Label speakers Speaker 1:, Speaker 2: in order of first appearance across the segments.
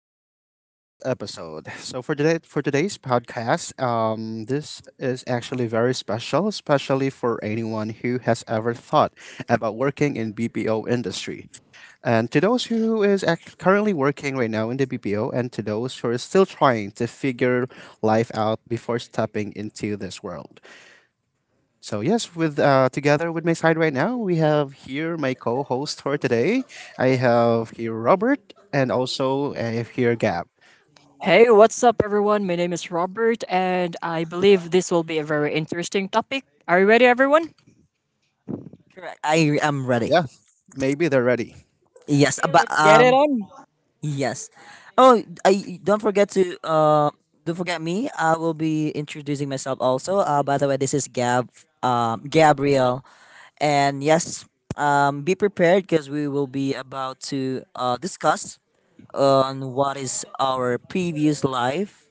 Speaker 1: back to this episode. So for today's podcast, this is actually very special, especially for anyone who has ever thought about working in BPO industry. And to those who is currently working right now in the BPO, and to those who are still trying to figure life out before stepping into this world. So yes, with together with my side right now, we have here my co-host for today. I have here Robert and also I have here Gab.
Speaker 2: Hey, what's up, everyone? My name is Robert, and I believe this will be a very interesting topic. Are you ready, everyone?
Speaker 3: Correct. I am ready.
Speaker 1: Yeah, maybe they're ready.
Speaker 3: Yes,
Speaker 2: Okay,
Speaker 3: but
Speaker 2: let's get it on.
Speaker 3: yes. Oh, I don't forget to don't forget me. I will be introducing myself also. By the way, this is Gab, Gabriel, and yes, be prepared because we will be about to discuss on what is our previous life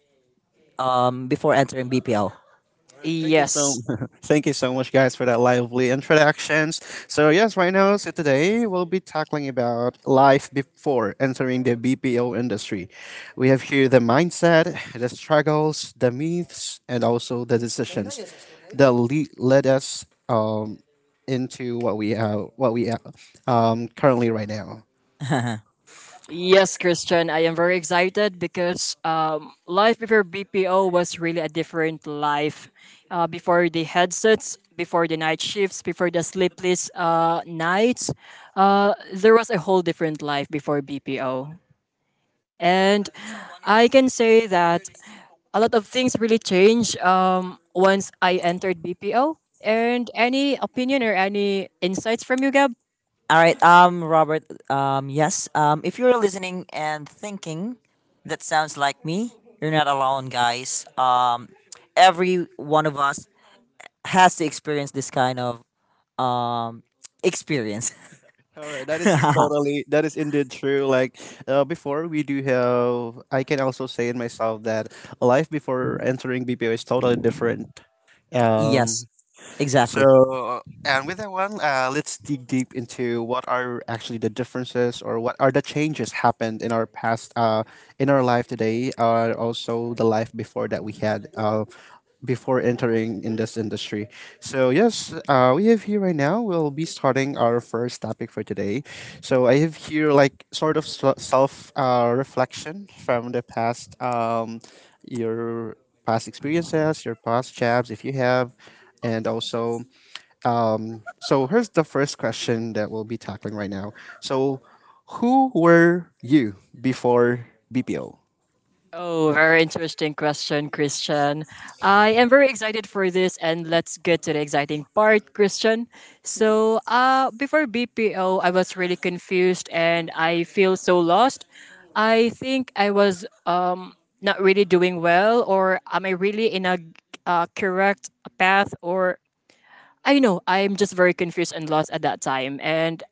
Speaker 3: before entering BPL.
Speaker 1: All right,
Speaker 2: Yes.
Speaker 1: thank you so much, guys, for that lively introductions. So yes, right now, so today we'll be tackling about life before entering the BPO industry. We have here the mindset, the struggles, the myths, and also the decisions that led us into what we currently right now.
Speaker 2: Yes, Christian, I am very excited because life before BPO was really a different life. Before the headsets, before the night shifts, before the sleepless nights, there was a whole different life before BPO. And I can say that a lot of things really changed once I entered BPO. And any opinion or any insights from you, Gab?
Speaker 3: All right, Robert, yes, if you're listening and thinking that sounds like me, you're not alone, guys. Every one of us has to experience this kind of um experience.
Speaker 1: All right, that is indeed true. Like before, we do have. I can also say in myself that life before entering BPO is totally different. Um,
Speaker 3: Yes, exactly.
Speaker 1: so uh, and with that one, let's dig deep into what are actually the differences, or what are the changes happened in our past, in our life today, or also the life before that we had, before entering in this industry. So yes, we have here right now. We'll be starting our first topic for today. So I have here like sort of self reflection from the past, your past experiences, your past jobs, if you have, and also so here's the first question that we'll be tackling right now. So who were you before BPO?
Speaker 2: Oh, very interesting question, Christian. I am very excited for this, and let's get to the exciting part, Christian. So, before BPO, I was really confused and I feel so lost. I think I was not really doing well, or am I really in a correct path, or I know I'm just very confused and lost at that time, and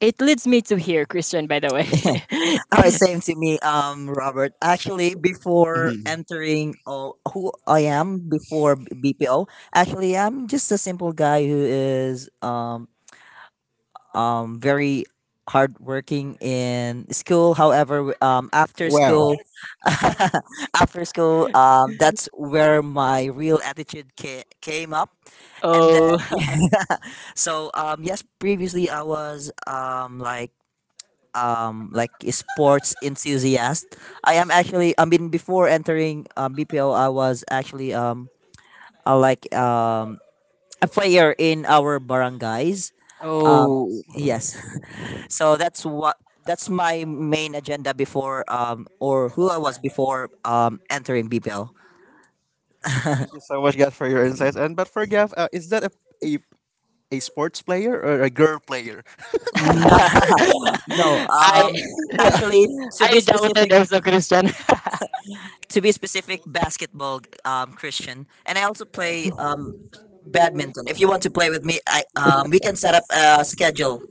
Speaker 2: it leads me to here, Christian. By the way,
Speaker 3: All right, same to me, Robert. Actually, before
Speaker 1: Mhm.
Speaker 3: entering who I am before BPO, actually, I'm just a simple guy who is very hardworking in school. However, after
Speaker 1: Wow.
Speaker 3: school, after school, um, that's where my real attitude came up. And
Speaker 2: oh,
Speaker 3: then, so yes, previously I was like a sports enthusiast. I am actually. I mean, before entering BPO, I was actually like a player in our barangays. Um,
Speaker 2: oh,
Speaker 3: yes, so that's my main agenda before or who I was before entering BPL.
Speaker 1: Thank you so much, Gav, for your insights. And but for Gav, is that a a sports player or a girl player?
Speaker 3: No, no.
Speaker 2: I
Speaker 3: Actually, to
Speaker 2: I
Speaker 3: be
Speaker 2: doubted
Speaker 3: specific,
Speaker 2: also Christian.
Speaker 3: to be specific, basketball. Christian, and I also play badminton. If you want to play with me, I we can set up a schedule.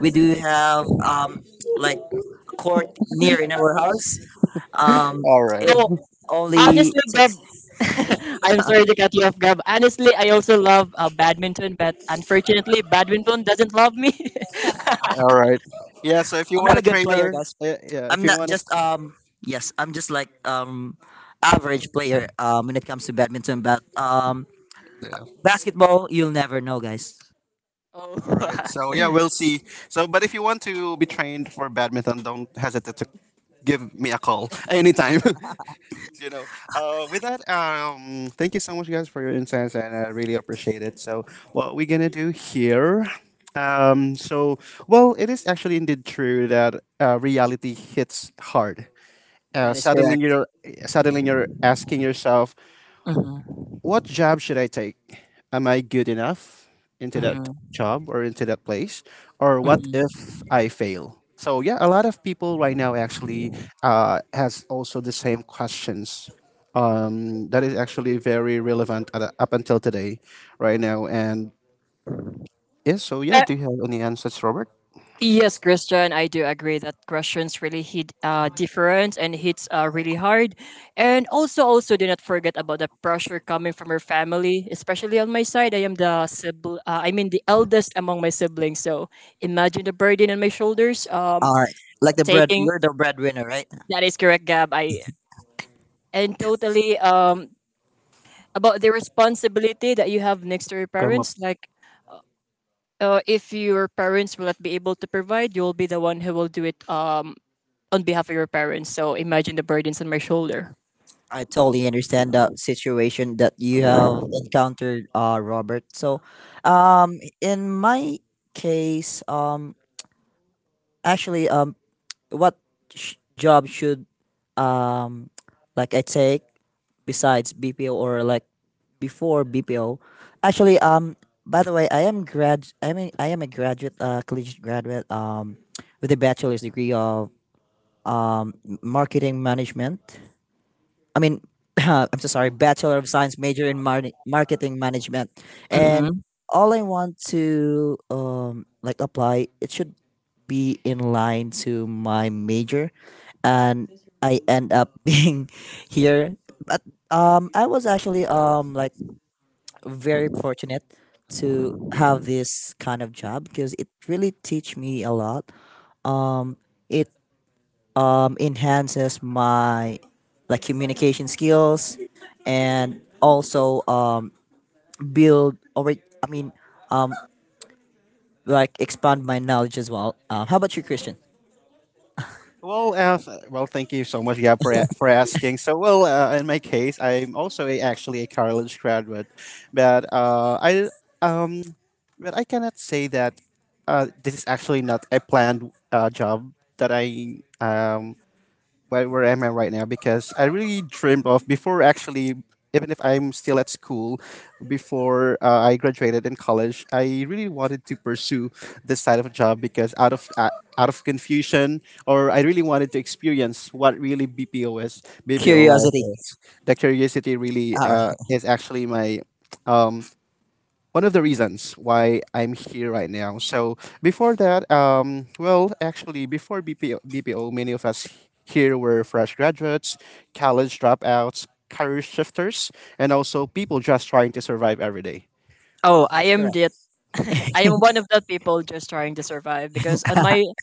Speaker 3: We do have like court near in our house. Um,
Speaker 1: All right.
Speaker 3: it
Speaker 2: No,
Speaker 3: only
Speaker 2: honestly, Gab,
Speaker 3: takes.
Speaker 2: I'm sorry to cut you off, Gab. Honestly, I also love badminton, but unfortunately, badminton doesn't love me.
Speaker 1: All right. Yeah. So if you
Speaker 3: I'm not
Speaker 1: want a
Speaker 3: a good player,
Speaker 1: trainer,
Speaker 3: guys.
Speaker 1: yeah, if
Speaker 3: I'm
Speaker 1: you
Speaker 3: not
Speaker 1: want
Speaker 3: just
Speaker 1: to.
Speaker 3: yes, I'm just like average player when it comes to badminton, but
Speaker 1: Yeah.
Speaker 3: basketball you'll never know, guys.
Speaker 2: oh,
Speaker 1: All right. So yeah, we'll see. So, but if you want to be trained for badminton, don't hesitate to give me a call anytime. you know. With that, thank you so much, guys, for your insights, and I really appreciate it. So, what we're gonna do here. Um, so, it is actually indeed true that reality hits hard. Uh,
Speaker 2: that is
Speaker 1: suddenly,
Speaker 2: correct.
Speaker 1: you're suddenly you're asking yourself,
Speaker 2: Mhm,
Speaker 1: what job should I take? Am I good enough into that
Speaker 2: mhm,
Speaker 1: job or into that place? Or what
Speaker 2: mhm.
Speaker 1: if I fail? So yeah, a lot of people right now actually has also the same questions. That is actually very relevant up until today, right now. And yeah, so yeah, do you have any answers, Robert?
Speaker 2: Yes, Christian, I do agree that questions really hit different and hits really hard. And also, also do not forget about the pressure coming from your family, especially on my side. I am the sibling, I mean the eldest among my siblings. So imagine the burden on my shoulders. Um,
Speaker 3: All right. Like the bread
Speaker 2: taking
Speaker 3: you're the breadwinner, right?
Speaker 2: that is correct, Gab. I and totally about the responsibility that you have next to your
Speaker 1: Come up.
Speaker 2: parents, like if your parents will not be able to provide, you will be the one who will do it on behalf of your parents. So imagine the burdens on my shoulder.
Speaker 3: I totally understand that situation that you have encountered, Robert. So in my case, actually, what job should um like I take besides BPO or like before BPO. Actually, by the way, I am a graduate, collegiate graduate, with a bachelor's degree of marketing management. I mean, I'm so sorry, Bachelor of Science major in marketing management. And
Speaker 2: Hmm
Speaker 3: all I want to like apply, it should be in line to my major. And I end up being here. But I was actually like very fortunate to have this kind of job because it really teach me a lot. It enhances my like communication skills and also build, or wait, I mean, like expand my knowledge as well. How about you, Christian?
Speaker 1: Well, thank you so much, yeah, for asking. So, well, in my case, I'm also actually a college graduate, but I um, but I cannot say that this is actually not a planned job that I where am I right now, because I really dreamed of before, actually, even if I'm still at school, before I graduated in college, I really wanted to pursue this side of a job, because out of confusion, or I really wanted to experience what really BPO is BPO life
Speaker 3: Curiosity.
Speaker 1: is. The curiosity really
Speaker 3: All right.
Speaker 1: is actually my um, one of the reasons why I'm here right now. So before that, well, actually, before BPO, many of us here were fresh graduates, college dropouts, career shifters, and also people just trying to survive every day.
Speaker 2: Oh, I
Speaker 3: That's
Speaker 2: am
Speaker 3: correct.
Speaker 2: the I am one of the people just trying to survive because on my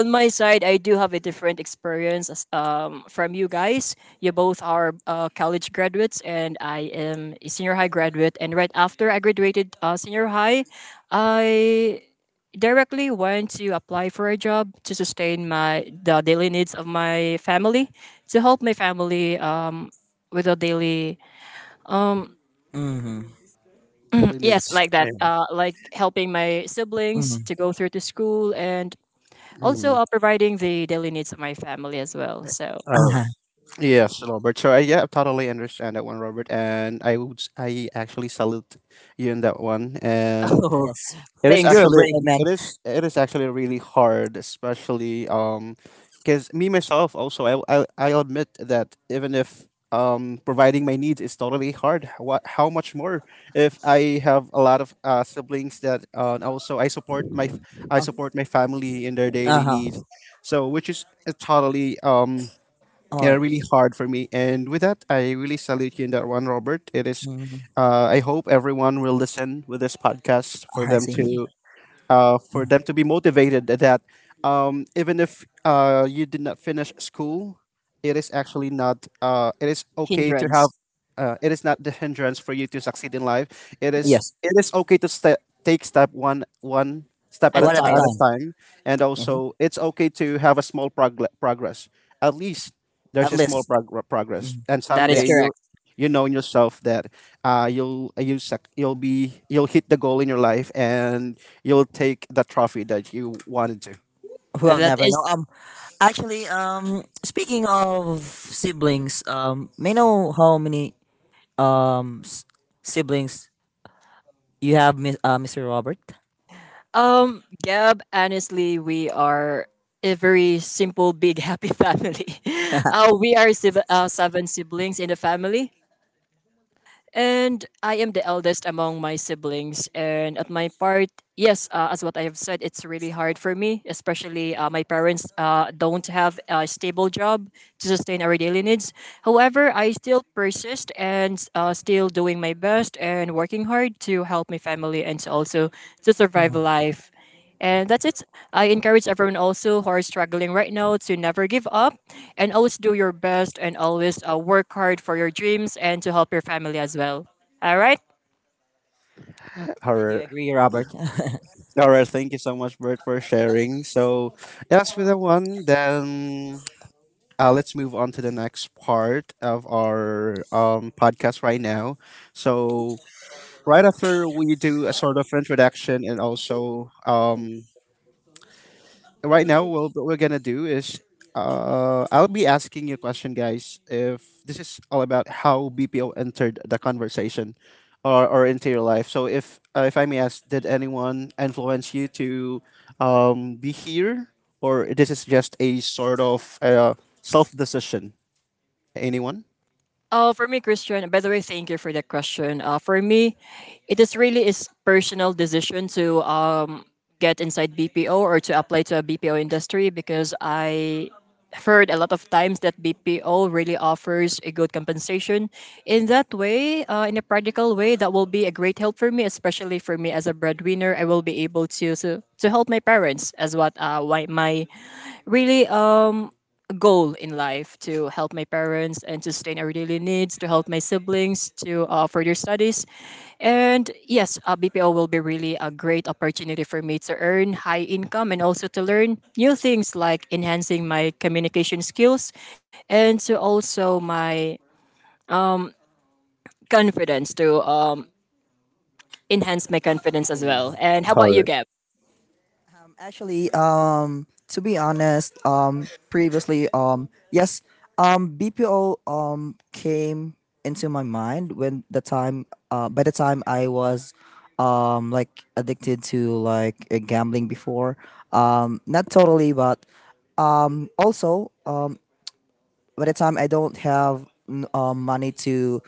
Speaker 2: on my side, I do have a different experience as, from you guys. You both are college graduates, and I am a senior high graduate. And right after I graduated senior high, I directly went to apply for a job to sustain my the daily needs of my family, to help my family with the daily um,
Speaker 3: Mm-hmm.
Speaker 1: Daily
Speaker 2: yes,
Speaker 1: needs.
Speaker 2: like
Speaker 1: I
Speaker 2: that,
Speaker 1: know.
Speaker 2: like helping my siblings
Speaker 3: Hmm.
Speaker 2: to go through to school and also,
Speaker 1: Mhm.
Speaker 2: providing the daily needs of my family as well. So,
Speaker 1: Uh,
Speaker 3: Uh-huh.
Speaker 1: yes, Robert. So yeah, I totally understand that one, Robert. And I actually salute you in that one. And
Speaker 2: oh,
Speaker 3: Yes.
Speaker 1: It is
Speaker 2: thanks,
Speaker 3: You're a
Speaker 1: actually
Speaker 3: brave
Speaker 2: Christian.
Speaker 3: man.
Speaker 1: it is actually really hard, especially because me myself also I'll admit that even if providing my needs is totally hard, what how much more if I have a lot of siblings that and also I support I support my family in their
Speaker 3: Uh
Speaker 1: daily needs.
Speaker 3: huh.
Speaker 1: So which is totally
Speaker 3: All
Speaker 1: yeah,
Speaker 3: right.
Speaker 1: really hard for me. And with that, I really salute you in that one, Robert. It is
Speaker 3: Mhm.
Speaker 1: I hope everyone will listen with this podcast
Speaker 3: I see.
Speaker 1: for them to be motivated that even if you did not finish school, it is actually not, it is okay to have,
Speaker 2: Hindrance
Speaker 1: it is not the hindrance for you to succeed in life.
Speaker 3: Yes.
Speaker 1: It is okay to step take step one, one step
Speaker 2: at the
Speaker 1: at
Speaker 3: One at a
Speaker 1: a
Speaker 2: time.
Speaker 3: time.
Speaker 1: time. And
Speaker 3: Mhm.
Speaker 1: also, it's okay to have a small progress. At least
Speaker 3: At
Speaker 1: there's a small
Speaker 3: least.
Speaker 1: progress.
Speaker 3: Mhm.
Speaker 1: And
Speaker 2: That is
Speaker 1: someday
Speaker 3: Yes.
Speaker 2: correct.
Speaker 1: you know in yourself that you'll you suck, you'll be you'll hit the goal in your life and you'll take the trophy that you wanted to.
Speaker 3: We'll
Speaker 2: That
Speaker 3: never
Speaker 2: is,
Speaker 3: know. Actually, speaking of siblings, may I know how many um s- siblings you have, Miss Mr. Robert?
Speaker 2: Gab, honestly, we are a very simple, big, happy family. We are seven siblings in the family. And I am the eldest among my siblings. And at my part, yes, as what I have said, it's really hard for me, especially my parents don't have a stable job to sustain our daily needs. However, I still persist and still doing my best and working hard to help my family and to also to survive life. And that's it. I encourage everyone also who are struggling right now to never give up and always do your best and always work hard for your dreams and to help your family as well. All right.
Speaker 1: All
Speaker 3: I do
Speaker 1: right.
Speaker 3: agree, Robert.
Speaker 1: All right. Thank you so much, Bert, for sharing. So, that's for the one, then let's move on to the next part of our podcast right now. So, right after we do a sort of introduction and also right now, well, what we're gonna do is, I'll be asking you a question, guys, if this is all about how BPO entered the conversation, or into your life. So, if I may ask, did anyone influence you to, be here, or this is just a sort of self decision? Anyone?
Speaker 2: For me, Christian, by the way, thank you for that question. For me, it is really is personal decision to get inside BPO or to apply to a BPO industry because I heard a lot of times that BPO really offers a good compensation. In that way, in a practical way, that will be a great help for me, especially for me as a breadwinner. I will be able to help my parents as what why my really goal in life to help my parents and to sustain our daily needs, to help my siblings to further studies. And yes, BPO will be really a great opportunity for me to earn high income and also to learn new things like enhancing my communication skills and to also my confidence to enhance my confidence as
Speaker 1: Mhm.
Speaker 2: well. And how
Speaker 1: All
Speaker 2: about you,
Speaker 1: right.
Speaker 2: Gab?
Speaker 3: Actually, to be honest, previously, yes, BPO came into my mind when the time, by the time I was like addicted to like gambling before. Not totally, but also, by the time I don't have money to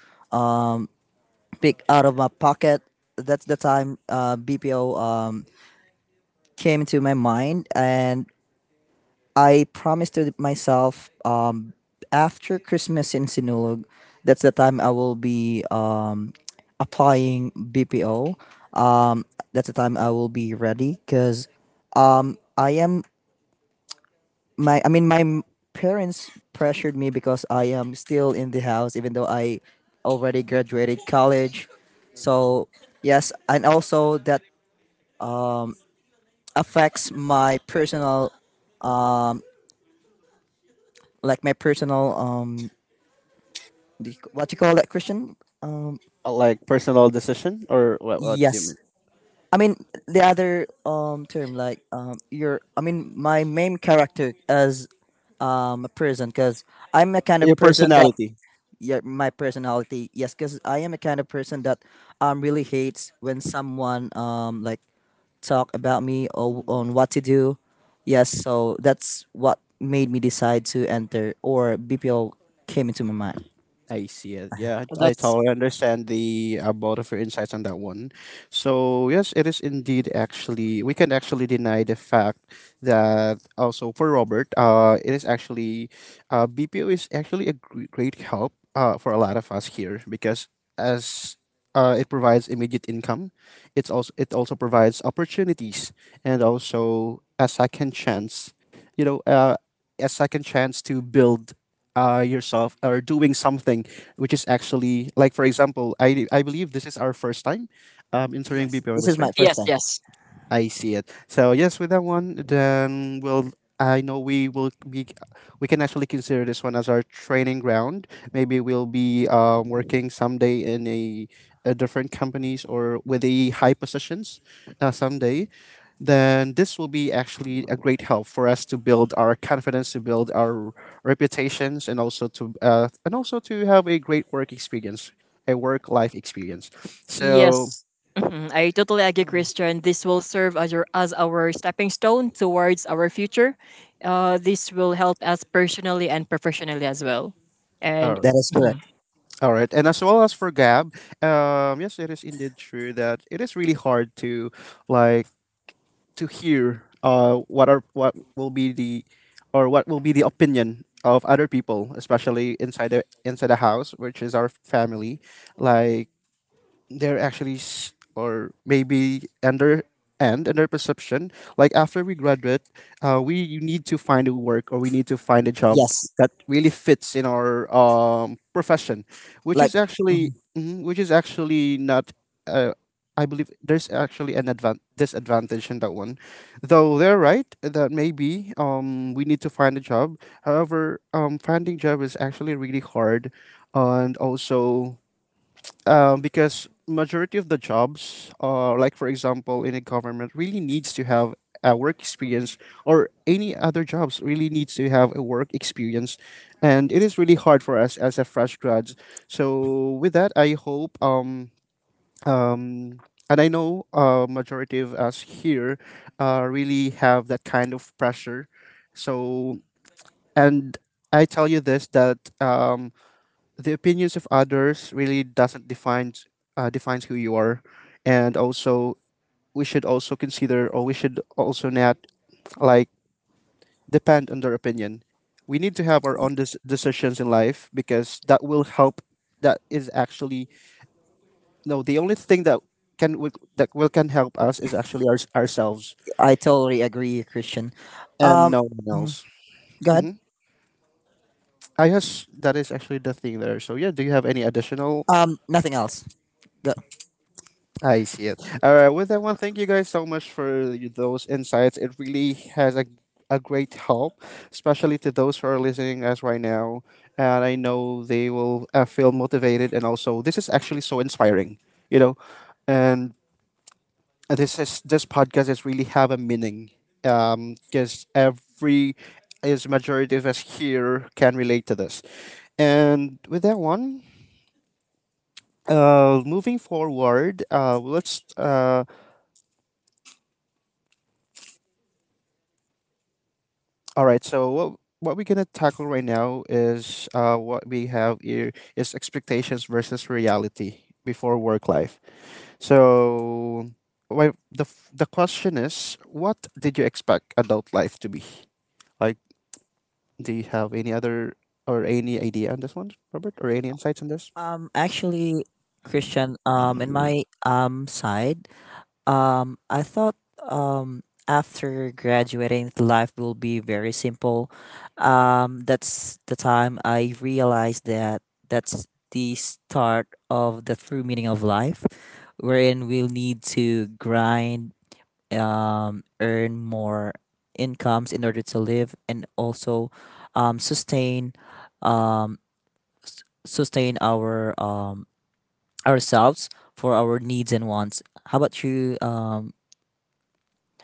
Speaker 3: pick out of my pocket, that's the time BPO came into my mind, and I promised to myself, after Christmas in Sinulog, that's the time I will be applying BPO. Um, that's the time I will be ready because I am my I mean my parents pressured me because I am still in the house even though I already graduated college. So yes, and also that affects my personal, like my personal um do what you call that, Christian? Um
Speaker 1: Like personal decision or what? What do you
Speaker 3: yes.
Speaker 1: mean?
Speaker 3: I mean the other term, like your I mean my main character as a person, because I'm a kind
Speaker 1: Your
Speaker 3: of person that,
Speaker 1: personality.
Speaker 3: yeah, my personality. Yes, because I am a kind of person that really hates when someone like talk about me or on what to do. Yes, so that's what made me decide to enter, or BPO came into my mind.
Speaker 1: I see it. Yeah, I
Speaker 2: That's
Speaker 1: totally understand the both of your insights on that one. So yes, it is indeed, actually, we can actually deny the fact that also for Robert, BPO is actually a great help for a lot of us here because as it provides immediate income, it also provides opportunities and also a second chance, you know, a second chance to build yourself or doing something, which is actually, like, for example, I believe this is our first time entering
Speaker 3: Yes,
Speaker 1: BPO
Speaker 3: this is my
Speaker 1: industry.
Speaker 3: first.
Speaker 2: yes, yes.
Speaker 1: I see it. So yes, with that one, then we'll, I know we will be, we can actually consider this one as our training ground. Maybe we'll be working someday in a different companies or with a high positions, someday. Then this will be actually a great help for us to build our confidence, to build our reputations, and also to have a great work experience, a work life experience. So,
Speaker 2: Yes.
Speaker 1: yes.
Speaker 2: Mhm. I totally agree,
Speaker 3: Mm.
Speaker 2: Christian. This will serve as, your, as our stepping stone towards our future. This will help us personally and professionally as well.
Speaker 1: All
Speaker 2: And
Speaker 3: That
Speaker 1: right,
Speaker 3: is correct.
Speaker 1: all right, and as well as for Gab, yes, it is indeed true that it is really hard to like to hear what will be the, or what will be the opinion of other people, especially inside the house, which is our family. Like they're actually or maybe under and under perception, like after we graduate, we you need to find a work, or we need to find a job
Speaker 3: Yes,
Speaker 1: that really fits in our profession, which
Speaker 3: like,
Speaker 1: is actually
Speaker 3: mhm,
Speaker 1: which is actually not, uh, I believe there's actually an disadvantage in that one. Though they're right that maybe we need to find a job, however, finding job is actually really hard. And also because majority of the jobs, like for example in a government, really needs to have a work experience, or any other jobs really needs to have a work experience, and it is really hard for us as a fresh grads. So with that, I hope um. And I know majority of us here really have that kind of pressure. So, and I tell you this that the opinions of others really doesn't define defines who you are. And also we should also not, like, depend on their opinion. We need to have our own decisions in life, because that will help, that is actually, no, the only thing that that will can help us is actually ourselves
Speaker 3: I totally agree, Christian.
Speaker 1: and
Speaker 3: Um,
Speaker 1: no one
Speaker 3: mhm,
Speaker 1: else.
Speaker 3: go ahead.
Speaker 1: hmm I guess that is actually the thing there. So yeah, do you have any additional?
Speaker 3: Nothing else. Go.
Speaker 1: I see it. All right. With that one, thank you guys so much for those insights. It really has a great help, especially to those who are listening us right now. And I know they will feel motivated. And also, this is actually so inspiring, you know. And this podcast is really have a meaning, because every is majority of us here can relate to this. And with that one, moving forward, let's all right. So what we're gonna tackle right now is what we have here is expectations versus reality before work life. So the question is, what did you expect adult life to be? Like, do you have any other or any idea on this one, Robert, or any insights on this?
Speaker 3: Actually, Christian. In my side, I thought um, after graduating, life will be very simple. That's the time I realized that that's the start of the true meaning of life, wherein we'll need to grind, earn more incomes in order to live, and also um, sustain, um, sustain our, ourselves for our needs and wants. How about you,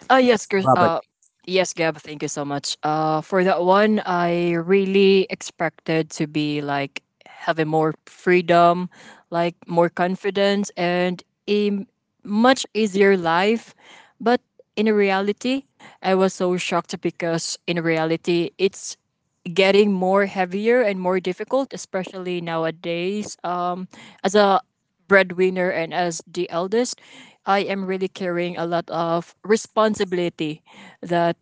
Speaker 2: Uh, yes, Chris,
Speaker 3: Robert?
Speaker 2: uh, yes, Gab, thank you so much. For that one, I really expected to be like having more freedom, like more confidence, and much easier life. But in reality, I was so shocked because in reality, it's getting more heavier and more difficult, especially nowadays. As a breadwinner and as the eldest, I am really carrying a lot of responsibility. That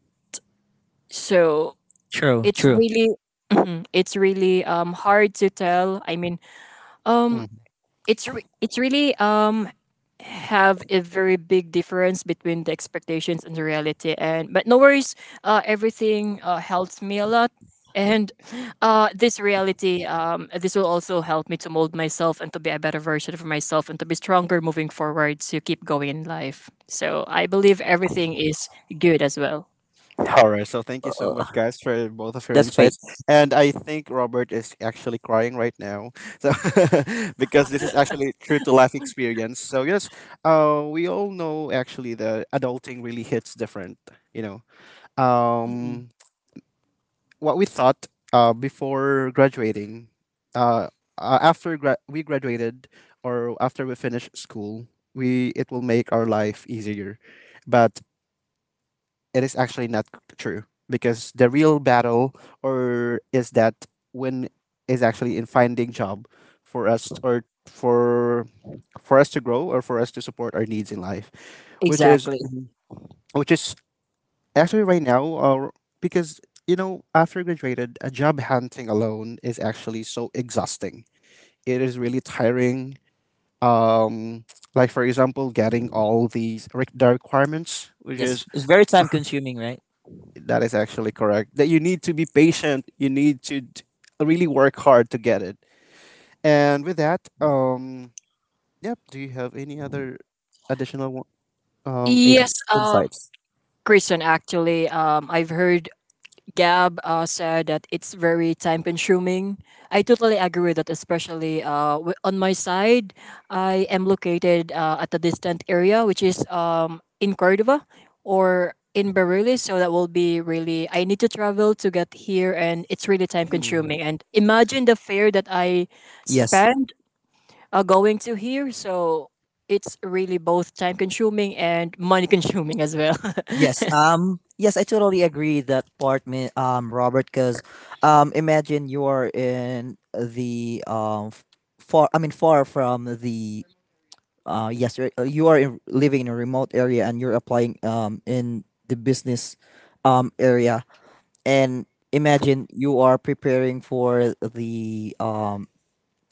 Speaker 2: so
Speaker 3: True,
Speaker 2: it's
Speaker 3: true.
Speaker 2: really it's really hard to tell. I mean, um,
Speaker 1: Hmm.
Speaker 2: it's really have a very big difference between the expectations and the reality, and but no worries, everything helps me a lot. And this reality, this will also help me to mold myself and to be a better version of myself and to be stronger moving forward to keep going in life, so I believe everything is good as well.
Speaker 1: All right. So thank you so
Speaker 3: Uh,
Speaker 1: much, guys, for both of your
Speaker 3: that's fate.
Speaker 1: insights. And I think Robert is actually crying right now, so because this is actually true to life experience. So yes, we all know actually that adulting really hits different. You know,
Speaker 2: Mhm.
Speaker 1: um, what we thought before graduating, uh, we graduated or after we finish school, we it will make our life easier, but it is actually not c- true because the real battle or is that when is actually in finding job for us or for us to grow or for us to support our needs in life, which is
Speaker 2: Exactly.
Speaker 1: Which is actually right now. Or because you know, after graduated, a job hunting alone is actually so exhausting. It is really tiring. um like, for example, getting all these the requirements, which
Speaker 3: Yes,
Speaker 1: is:
Speaker 3: it's very time consuming, right?
Speaker 1: that is actually correct. That you need to be patient. You need to d- Really work hard to get it. And with that, yep. Do you have any other additional one? Ad.
Speaker 2: Yes Christian, actually I've heard Gab said that it's very time consuming. I totally agree with that, especially on my side. I am located at a distant area, which is in Cordova or in Barili. So that will be really, I need to travel to get here, and it's really time
Speaker 1: Hmm.
Speaker 2: consuming. And imagine the fare that I
Speaker 3: Yes.
Speaker 2: spend going to here. So it's really both time consuming and money consuming as well.
Speaker 3: Yes. Yes, I totally agree that part, Robert, cuz imagine you're in the f- far I mean far from the yes, living in a remote area and you're applying in the business area, and imagine you are preparing for the um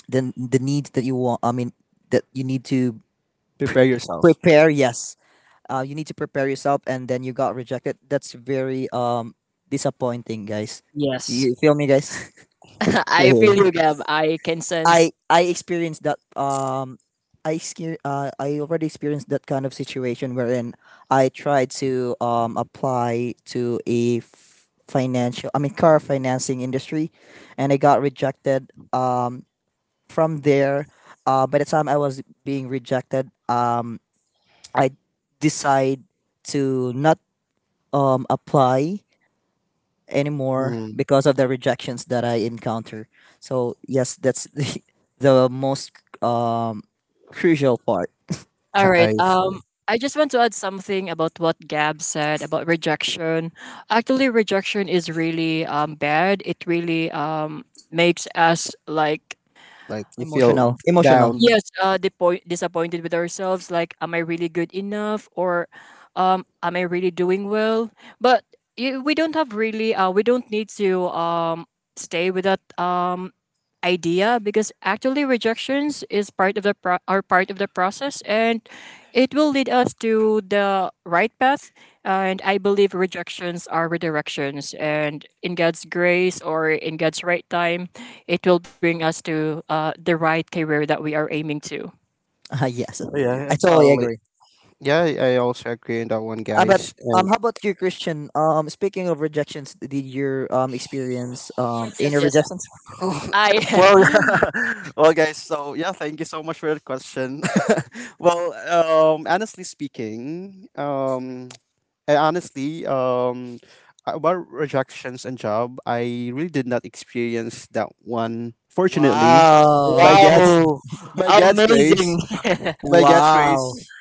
Speaker 3: the the needs that you want, that you need to
Speaker 1: Prepare yourself.
Speaker 3: prepare. Yes, you need to prepare yourself, and then you got rejected. That's very disappointing, guys.
Speaker 2: yes.
Speaker 3: You feel me, guys?
Speaker 1: Yeah,
Speaker 2: I feel
Speaker 1: yeah.
Speaker 2: you, Gab. I can sense.
Speaker 3: I experienced that. I already experienced that kind of situation wherein I tried to apply to a f- financial I mean car financing industry, and I got rejected from there. By the time I was being rejected, I decide to not, apply anymore
Speaker 1: Mm,
Speaker 3: because of the rejections that I encounter. So yes, that's the most um, crucial part.
Speaker 2: All
Speaker 1: I
Speaker 2: right.
Speaker 1: see.
Speaker 2: I just want to add something about what Gab said about rejection. Actually, rejection is really bad. It really makes us like
Speaker 1: Like, you feel
Speaker 3: Emotional,
Speaker 1: d-
Speaker 3: emotional.
Speaker 1: down.
Speaker 2: Yes, disappointed with ourselves. Like, am I really good enough, or am I really doing well? But we don't have really. We don't need to stay with that idea because actually rejections is part of the pro- are part of the process, and it will lead us to the right path. And I believe rejections are redirections, and in God's grace or in God's right time, it will bring us to the right career that we are aiming to.
Speaker 3: Yes,
Speaker 1: Yeah, I
Speaker 3: I totally
Speaker 1: totally.
Speaker 3: agree.
Speaker 1: Yeah, I also agree on that one,
Speaker 3: But
Speaker 1: guys. And
Speaker 3: how about you, Christian? Speaking of rejections, did your experience
Speaker 2: Yes, yes,
Speaker 3: inner
Speaker 2: yes.
Speaker 3: rejections?
Speaker 2: I
Speaker 1: well,
Speaker 2: am.
Speaker 1: well, guys. So yeah, thank you so much for that question. Well, honestly speaking, I honestly, about rejections and job, I really did not experience that one. Fortunately,
Speaker 3: Wow,
Speaker 1: by God.
Speaker 2: Wow.
Speaker 1: by God's
Speaker 2: Amazing.
Speaker 1: grace, by God's
Speaker 3: wow,
Speaker 1: grace.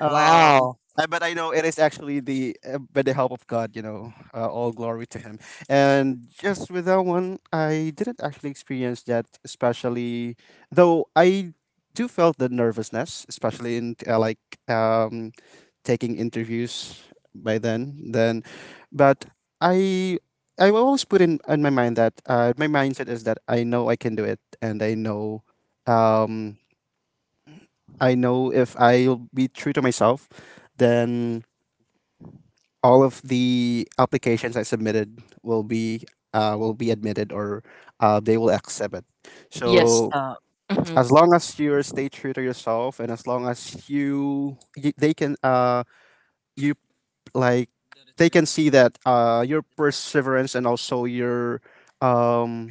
Speaker 1: Um,
Speaker 3: wow.
Speaker 1: but I know it is actually the by the help of God, you know, all glory to Him. And just with that one, I didn't actually experience that, especially though I do felt the nervousness, especially in like um, taking interviews by then. Then, but I. I will always put in my mind that my mindset is that I know I can do it, and um, I know if I'll be true to myself, then all of the applications I submitted will be admitted, or they will accept it. Yes.
Speaker 2: yes.
Speaker 1: So
Speaker 2: Mhm,
Speaker 1: as long as you stay true to yourself and as long as you, they can you like they can see that your perseverance and also your um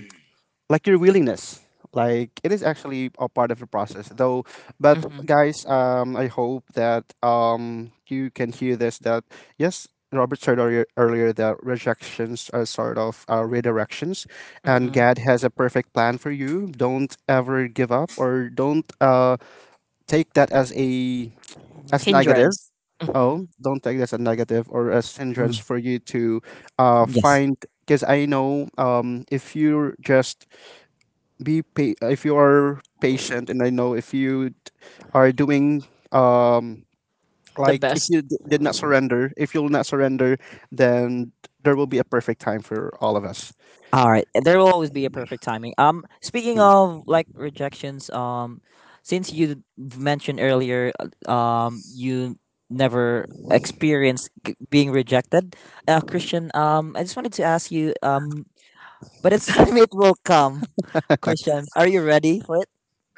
Speaker 1: like your willingness, like it is actually a part of the process, though. But
Speaker 2: mhm,
Speaker 1: guys, I hope that you can hear this, that yes, Robert said earlier, earlier that rejections are sort of redirections, and
Speaker 2: mhm.
Speaker 1: God has a perfect plan for you. Don't ever give up, or don't take that as a as
Speaker 3: Mm-hmm.
Speaker 1: negative.
Speaker 2: Hindrance. Hmm
Speaker 1: Oh, don't take this as a negative or as
Speaker 3: Mm,
Speaker 1: hindrance for you to
Speaker 3: yes.
Speaker 1: find. Because I know if you're just if you are patient, and I know if you d- are doing um
Speaker 2: The
Speaker 1: like if
Speaker 2: best.
Speaker 1: you d- did not surrender, if you'll not surrender, then there will be a perfect time for all of us.
Speaker 3: All right, there will always be a perfect timing. Speaking of like rejections, since you mentioned earlier, you never experienced being rejected, Christian. I just wanted to ask you. But it's time it will come, Christian. Are you ready for it?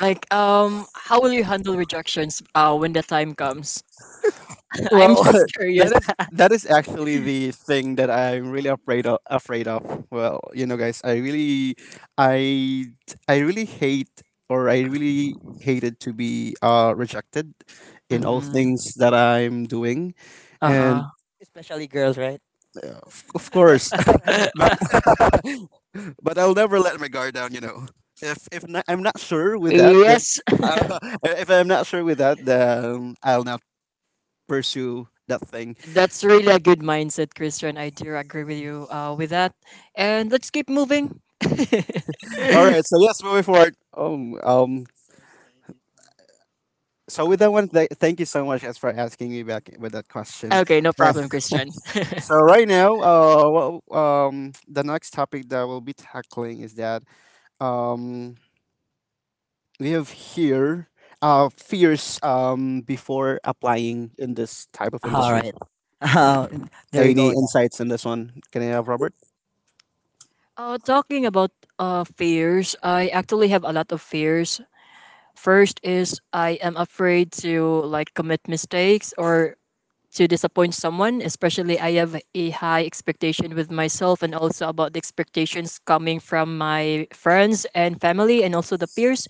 Speaker 2: Like, how will you handle rejections when the time comes? I'm
Speaker 1: Well,
Speaker 2: just curious.
Speaker 1: that is actually the thing that I'm really afraid of. Well, you know, guys, I really i I really hate or I really hated to be rejected in all
Speaker 2: Hmm
Speaker 1: things that I'm doing.
Speaker 2: Uh huh.
Speaker 1: And
Speaker 3: Especially girls, right?
Speaker 1: of course. But I'll never let my guard down, you know. If not, I'm not sure with that, then
Speaker 2: Yes,
Speaker 1: uh, if I'm not sure with that, then I'll not pursue that thing.
Speaker 2: that's really a good mindset, Christian. I do agree with you with that. And let's keep moving.
Speaker 1: All right. So yes, moving forward. So with that one, thank you so much as for asking me back with that question.
Speaker 2: Okay, no
Speaker 1: Yeah.
Speaker 2: problem, Christian.
Speaker 1: So right now, the next topic that we'll be tackling is that um, we have here fears before applying in this type of
Speaker 3: All
Speaker 1: industry.
Speaker 3: right. There we go
Speaker 1: Any
Speaker 3: again.
Speaker 1: insights on this one? Can I have Robert?
Speaker 2: Talking about fears, I actually have a lot of fears. First is I am afraid to like commit mistakes or to disappoint someone, especially I have a high expectation with myself and also about the expectations coming from my friends and family and also the peers.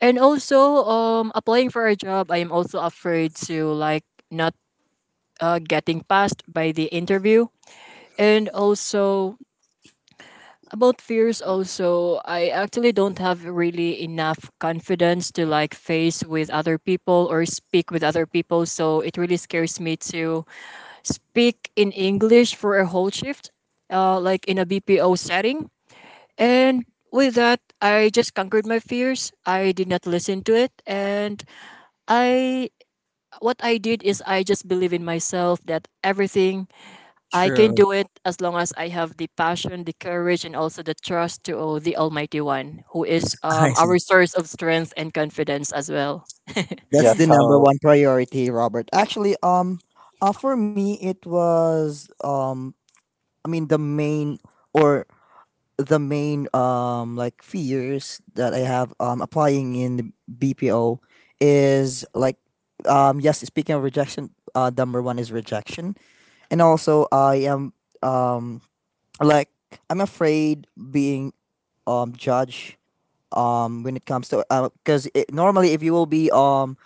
Speaker 2: And also applying for a job, I am also afraid to like not getting passed by the interview. And also About fears also, I actually don't have really enough confidence to like face with other people or speak with other people. So it really scares me to speak in English for a whole shift, like in a BPO setting. And with that, I just conquered my fears. I did not listen to it. I, what I did is I just believe in myself that everything I can
Speaker 3: True.
Speaker 2: do it as long as I have the passion, the courage, and also the trust to oh, the Almighty One, who is
Speaker 3: I see.
Speaker 2: our source of strength and confidence as well.
Speaker 1: Yeah,
Speaker 3: That's the number
Speaker 1: tell
Speaker 3: one priority, Robert. Actually, for me, it was, I mean, or the main like fears that I have, applying in the BPO, is like, yes, speaking of rejection, number one is rejection, and also I am um like I'm afraid being judged when it comes to, because it normally, if you will be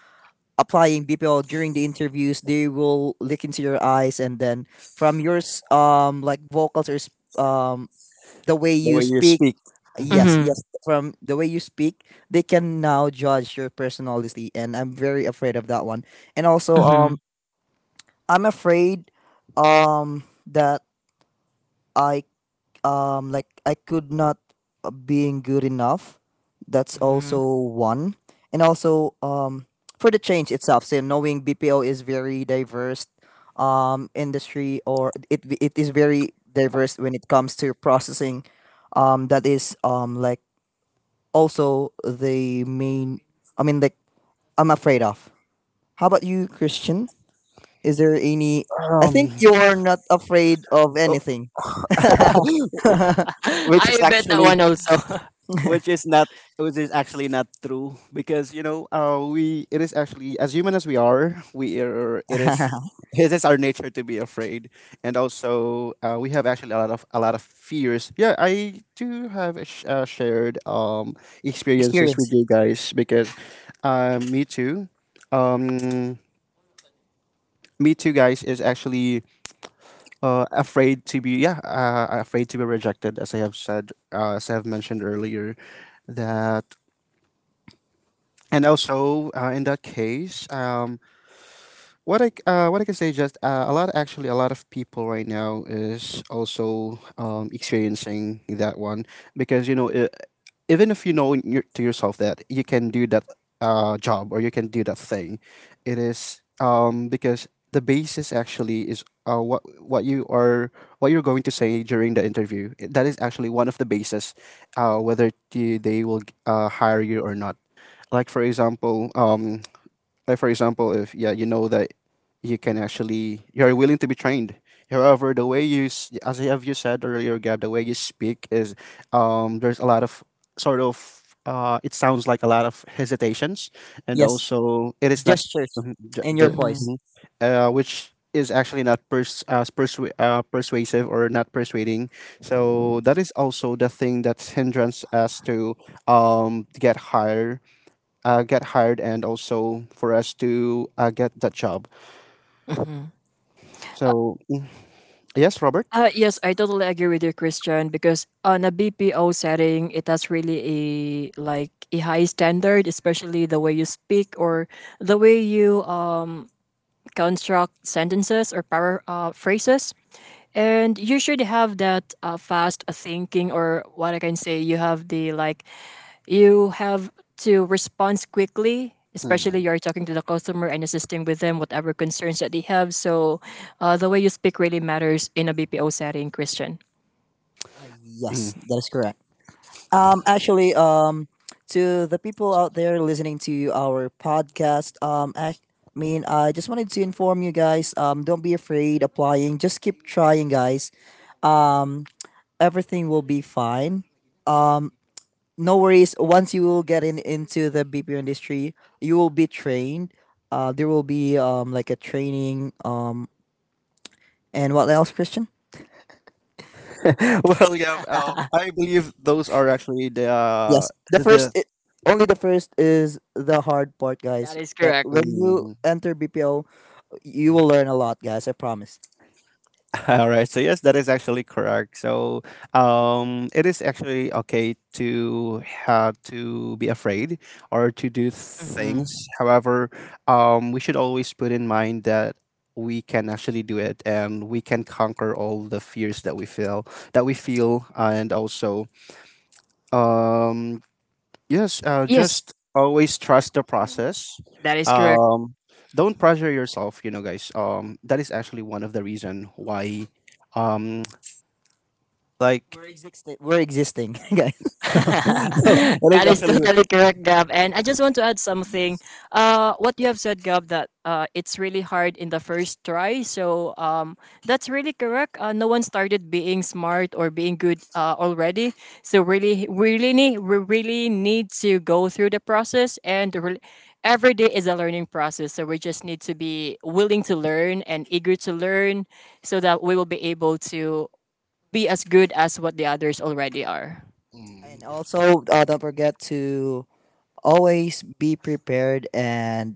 Speaker 3: applying BPO during the interviews, they will look into your eyes, and then from your, like vocals, or um the way
Speaker 1: the
Speaker 3: you
Speaker 1: way you
Speaker 3: speak,
Speaker 1: speak.
Speaker 3: yes,
Speaker 1: Mhm.
Speaker 2: Mm-hmm.
Speaker 3: yes, from the way you speak, they can now judge your personality, and I'm very afraid of that one. And also,
Speaker 2: Mm-hmm.
Speaker 3: I'm afraid, um, that I I could not, being good enough. That's
Speaker 2: Mm-hmm.
Speaker 3: also one. And also for the change itself, so knowing BPO is very diverse industry, or it is very diverse when it comes to processing, that is like also the main, I mean, like I'm afraid of. How about you, Christian? Is there any I
Speaker 1: Um,
Speaker 3: think you're not afraid of anything.
Speaker 1: which is
Speaker 2: I bet that
Speaker 1: actually
Speaker 2: one also.
Speaker 1: which is not which is actually not true. Because you know, we it is actually, as human as we are, it is our nature to be afraid. And also, we have actually a lot of fears. Yeah, I do have a shared experiences with
Speaker 3: Experiences.
Speaker 1: you guys, because uh, me too um me too, guys, is actually afraid to be rejected, as I have said, as I have mentioned earlier. That and also In that case, what I what I can say, just a lot of people right now is also experiencing that one. Because you know, I even if you know in your, to yourself that you can do that job or you can do that thing, it is because the basis actually is what you are what you're going to say during the interview. That is actually one of the basis, whether they will hire you or not. Like for example, if yeah, you know that you can actually you're willing to be trained. However, the way you as I have you said earlier, Gab, the way you speak is, there's a lot of sort of it sounds like a lot of hesitations. And
Speaker 3: Yes,
Speaker 1: also it is not
Speaker 3: gestures and your
Speaker 1: the
Speaker 2: hmm
Speaker 3: voice.
Speaker 1: mhm, which is actually not pers- as persu- persuasive or not persuading. So that is also the thing that hindrance us to um to get higher get hired, and also for us to get that job.
Speaker 2: hmm Uh,
Speaker 1: So, yes, Robert?
Speaker 2: yes, I totally agree with you, Christian, because on a BPO setting, it has really a like a high standard, especially the way you speak or the way you construct phrases. And you should have that fast thinking, or what I can say, you have the like, you have to respond quickly, especially
Speaker 1: Mhm,
Speaker 2: you're talking to the customer and assisting with them, whatever concerns that they have. So the way you speak really matters in a BPO setting, Christian.
Speaker 1: mhm.
Speaker 3: Yes, that is correct. Actually, to the people out there listening to our podcast, I mean, I just wanted to inform you guys. Don't be afraid applying. Just keep trying, guys. Um, Everything will be fine. Um, no worries. Once you will get in into the BPO industry, you will be trained. There will be like a training. And what else, Christian?
Speaker 1: Well, yeah, I believe those are actually the, uh,
Speaker 3: Yes,
Speaker 1: the,
Speaker 3: only the first is the hard part,
Speaker 2: That
Speaker 3: guys.
Speaker 2: is
Speaker 3: That
Speaker 2: correct.
Speaker 3: when you enter BPO, you will learn a lot, guys. I promise.
Speaker 1: All right. So yes, that is actually correct. So it is actually okay to have to be afraid or to do things.
Speaker 2: Mhm.
Speaker 1: However, we should always put in mind that we can actually do it, and we can conquer all the fears that we feel. And also, um, yes,
Speaker 2: Yes,
Speaker 1: just always trust the process.
Speaker 2: that is correct.
Speaker 1: Um, don't pressure yourself, you know, guys. That is actually one of the reason why. Um, like,
Speaker 3: We're existing guys.
Speaker 1: it
Speaker 2: That
Speaker 1: is
Speaker 2: is
Speaker 1: actually.
Speaker 2: totally correct, Gab. And I just want to add something. What you have said, Gab, that it's really hard in the first try. So that's really correct. No one started being smart or being good already. So really, really need we really need to go through the process, and every day is a learning process. So we just need to be willing to learn and eager to learn, so that we will be able to be as good as what the others already are.
Speaker 1: Mm,
Speaker 3: And also, don't forget to always be prepared and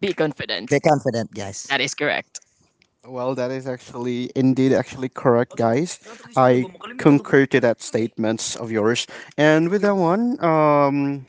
Speaker 2: Be confident.
Speaker 3: be confident, guys.
Speaker 2: That is correct.
Speaker 1: well, that is actually indeed actually correct, guys. I concur to that statements of yours. And with that one, um,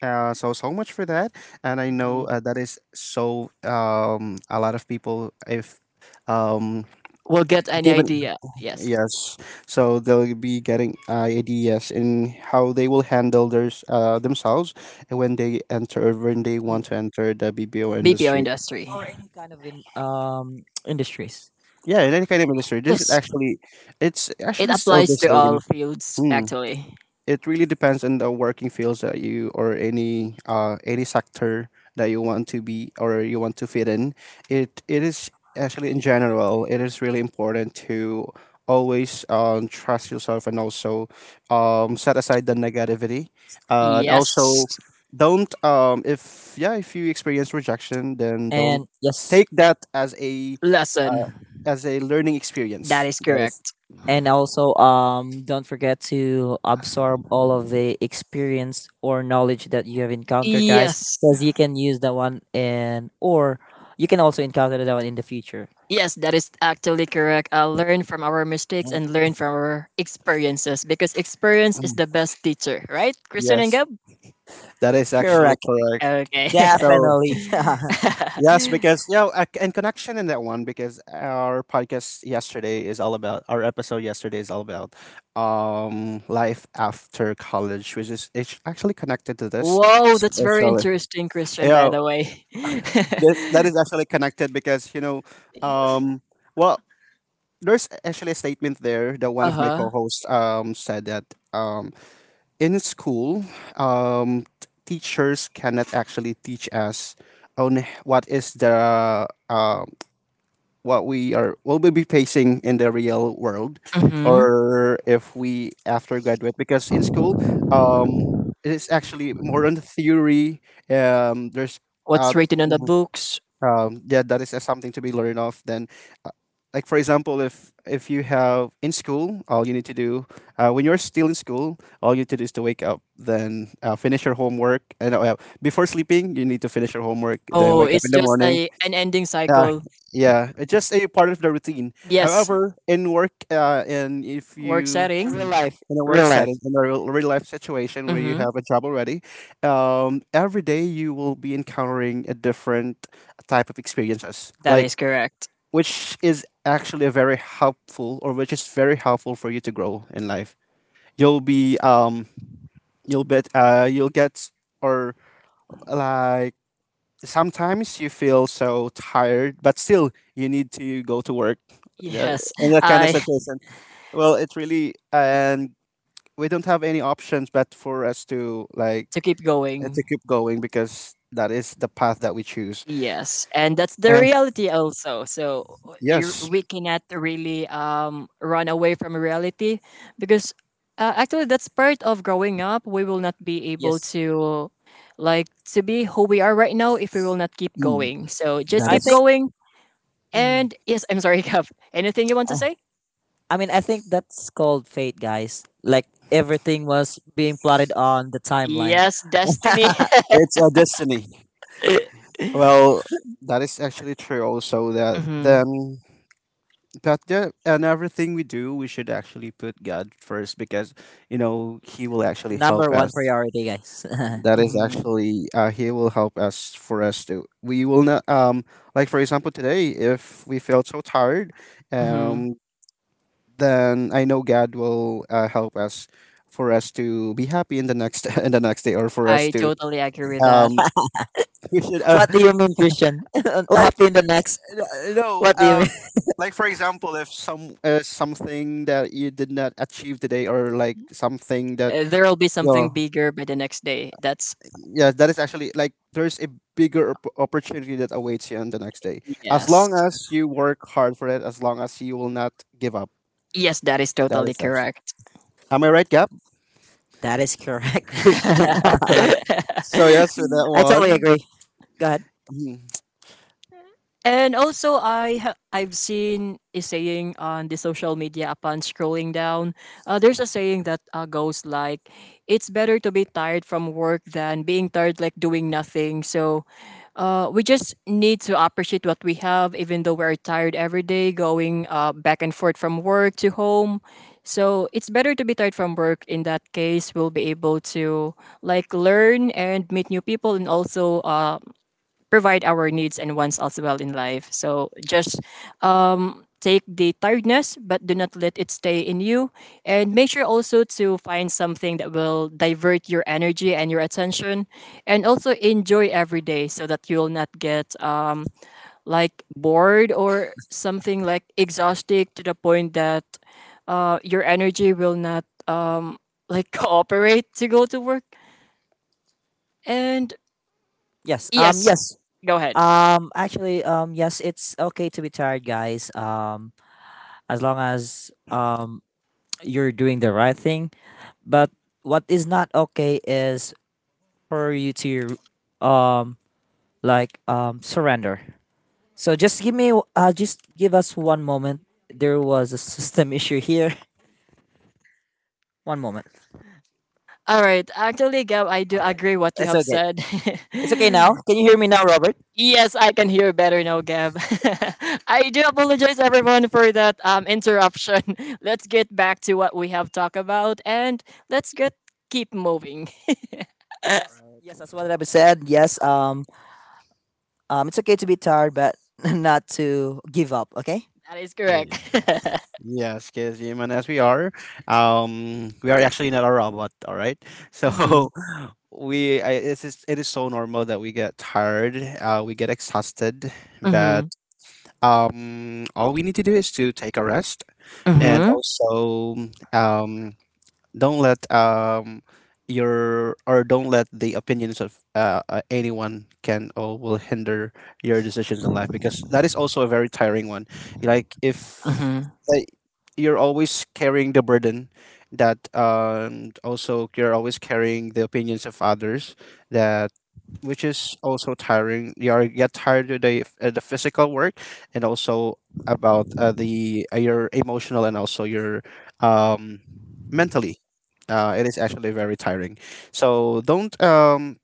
Speaker 1: uh, so so much for that. And I know
Speaker 2: Hmm.
Speaker 1: that is so a lot of people if um
Speaker 2: Will get any
Speaker 1: given,
Speaker 2: idea. Yes.
Speaker 1: yes, so they'll be getting ideas in how they will handle theirs themselves when they enter or when they
Speaker 2: Mm,
Speaker 1: want to enter the BPO
Speaker 2: BPO
Speaker 1: industry.
Speaker 2: industry.
Speaker 3: Any kind of in industries,
Speaker 1: Yeah, in any kind of industry,
Speaker 2: Yes,
Speaker 1: it's
Speaker 2: it
Speaker 1: actually still the
Speaker 2: applies to all
Speaker 1: same.
Speaker 2: fields
Speaker 1: Mm.
Speaker 2: actually.
Speaker 1: It really depends on the working fields that you or any sector that you want to be or you want to fit in. It is actually, in general, it is really important to always trust yourself, and also set aside the negativity, and also
Speaker 2: Yes,
Speaker 1: don't if yeah, if you experience rejection, then don't
Speaker 3: and yes,
Speaker 1: take that
Speaker 2: lesson.
Speaker 1: uh, as a learning
Speaker 2: That
Speaker 1: experience.
Speaker 2: is
Speaker 1: That is
Speaker 2: correct.
Speaker 1: Mm,
Speaker 3: and also don't forget to absorb all of the experience or knowledge that you have encountered, guys,
Speaker 2: Yes,
Speaker 3: because you can use that one, and or you can also encounter that one in the future.
Speaker 2: yes, that is actually correct. Learn from our mistakes and learn from our experiences because experience is the best teacher, right, Christian and
Speaker 1: yes,
Speaker 2: Gab?
Speaker 1: that is actually
Speaker 3: Correct.
Speaker 1: correct.
Speaker 2: Okay.
Speaker 1: So
Speaker 3: Definitely.
Speaker 1: yes, because yeah, you know, ac- and connection in that one, because our podcast yesterday is all about our episode yesterday is all about life after college, which is it's actually connected to this.
Speaker 2: Whoa, that's very
Speaker 1: Actually,
Speaker 2: interesting, Christian. By
Speaker 1: yeah,
Speaker 2: the way.
Speaker 1: this that is actually connected because you know, um, well, there's actually a statement there that one of my
Speaker 2: uh
Speaker 1: co-hosts said that um in school, teachers cannot actually teach us on what is the uh, what we are will we be facing in the real world,
Speaker 2: huh.
Speaker 1: or if we after graduate. Because in school, um, it is actually more on the theory. There's
Speaker 2: What's
Speaker 1: uh,
Speaker 2: written in the books.
Speaker 1: yeah, that is something to be learned of. Uh, like for example, if you have in school, all you need to do when you're still in school, all you need to do is to wake up, then finish your homework, and before sleeping, you need to finish your homework, then
Speaker 2: Oh,
Speaker 1: wake up
Speaker 2: it's
Speaker 1: in the
Speaker 2: just
Speaker 1: morning,
Speaker 2: a an ending
Speaker 1: uh,
Speaker 2: cycle.
Speaker 1: yeah, it's just a part of the routine.
Speaker 2: Yes,
Speaker 1: However, in work, and if
Speaker 2: work
Speaker 1: you
Speaker 3: In the
Speaker 2: setting.
Speaker 3: real
Speaker 1: mm,
Speaker 3: life.
Speaker 1: in a work
Speaker 3: Real
Speaker 1: setting,
Speaker 3: life.
Speaker 1: in a real, real life situation where you
Speaker 2: Mm-hmm.
Speaker 1: have a job already, every day you will be encountering a different type of experiences,
Speaker 2: That is
Speaker 1: like
Speaker 2: correct.
Speaker 1: which is actually a very helpful, or which is very helpful for you to grow in life. You'll be you'll get or like sometimes you feel so tired, but still you need to go to work.
Speaker 2: Yes,
Speaker 1: In that kind of
Speaker 2: I
Speaker 1: situation, well, it's really and we don't have any options but for us to, like,
Speaker 2: to keep going.
Speaker 1: to keep going because that is the path that we choose.
Speaker 2: Yes, and that's the
Speaker 1: And
Speaker 2: reality also. So you
Speaker 1: yes,
Speaker 2: we cannot really run away from reality because actually that's part of growing up. We will not be able
Speaker 3: Yes,
Speaker 2: to like to be who we are right now if we will not keep going.
Speaker 1: mm,
Speaker 2: So just
Speaker 3: i
Speaker 2: keep
Speaker 3: think
Speaker 2: going.
Speaker 3: mm,
Speaker 2: And yes, I'm sorry, Kev. Anything you want to
Speaker 3: uh,
Speaker 2: say?
Speaker 3: I mean I think that's called fate, guys, like everything was being plotted on the timeline.
Speaker 2: Yes, Destiny.
Speaker 1: it's a destiny. Well, that is actually true. Also, that
Speaker 2: Hmm.
Speaker 1: then, but yeah, and everything we do, we should actually put God first because you know He will actually help
Speaker 3: Number
Speaker 1: us.
Speaker 3: one priority, guys.
Speaker 1: That is
Speaker 2: Hmm.
Speaker 1: actually he will help us for us to we will not like for example today if we feel so tired
Speaker 2: Hmm.
Speaker 1: um then I know God will help us for us to be happy in the next in the next day or for us
Speaker 2: I
Speaker 1: to
Speaker 2: totally agree with
Speaker 1: um
Speaker 2: that.
Speaker 1: we should
Speaker 3: What do you mean, Christian?
Speaker 1: like
Speaker 3: Happy in the next.
Speaker 1: you know
Speaker 3: What do you mean?
Speaker 1: like for example if something that you did not achieve today or like something that
Speaker 2: There will be
Speaker 1: you
Speaker 2: something
Speaker 1: know,
Speaker 2: bigger by the next day. That's
Speaker 1: yes, that is actually like there's a bigger opportunity that awaits you on the next day. As
Speaker 2: Yes.
Speaker 1: long as you work hard for it, as long as you will not give up.
Speaker 2: Yes, that is
Speaker 1: That
Speaker 2: totally
Speaker 1: is actually.
Speaker 2: correct.
Speaker 1: Am I right, Gab?
Speaker 3: That is correct, Christian.
Speaker 1: Okay. So yes, with that
Speaker 3: I totally
Speaker 1: one.
Speaker 3: agree. Go ahead.
Speaker 1: Mhm.
Speaker 2: And also, I've seen a saying on the social media upon scrolling down. There's a saying that goes like, "It's better to be tired from work than being tired like doing nothing." So, we just need to appreciate what we have, even though we're tired every day, going back and forth from work to home. So it's better to be tired from work. In that case, we'll be able to like learn and meet new people, and also provide our needs and wants as well in life. So just take the tiredness, but do not let it stay in you. And make sure also to find something that will divert your energy and your attention. And also enjoy every day so that you'll not get like bored or something like exhausted to the point that your energy will not like cooperate to go to work. And
Speaker 3: Yes.
Speaker 2: yes,
Speaker 3: Yes.
Speaker 2: go ahead.
Speaker 3: Actually. Yes. It's okay to be tired, guys. As long as you're doing the right thing. But what is not okay is for you to um surrender. So just give us one moment. There was a system issue here. One moment.
Speaker 2: All right. Actually, Gab, I do
Speaker 3: All right.
Speaker 2: agree what you
Speaker 3: It's
Speaker 2: have
Speaker 3: okay.
Speaker 2: said.
Speaker 3: It's okay now. Can you hear me now, Robert?
Speaker 2: Yes, I can hear better now, Gab. I do apologize everyone for that interruption. Let's get back to what we have talked about and let's get keep moving.
Speaker 3: Yes, that's what I said. Yes. It's okay to be tired, but not to give up. Okay.
Speaker 2: That is
Speaker 1: Yeah.
Speaker 2: correct.
Speaker 1: Yes, because human as we are actually not a robot. All right.
Speaker 2: Mhm.
Speaker 1: So it's just, it is so normal that we get tired, we get exhausted, but
Speaker 2: Mhm.
Speaker 1: all we need to do is to take a rest, and
Speaker 2: Mhm.
Speaker 1: also, um, don't let your or don't let the opinions of anyone can or will hinder your decisions in life, because that is also a very tiring one. Like if
Speaker 2: Mhm.
Speaker 1: uh, you're always carrying the burden, that also you're always carrying the opinions of others, that which is also tiring. You are get tired of the physical work, and also about the your emotional, and also your um mentally, it is actually very tiring. So don't,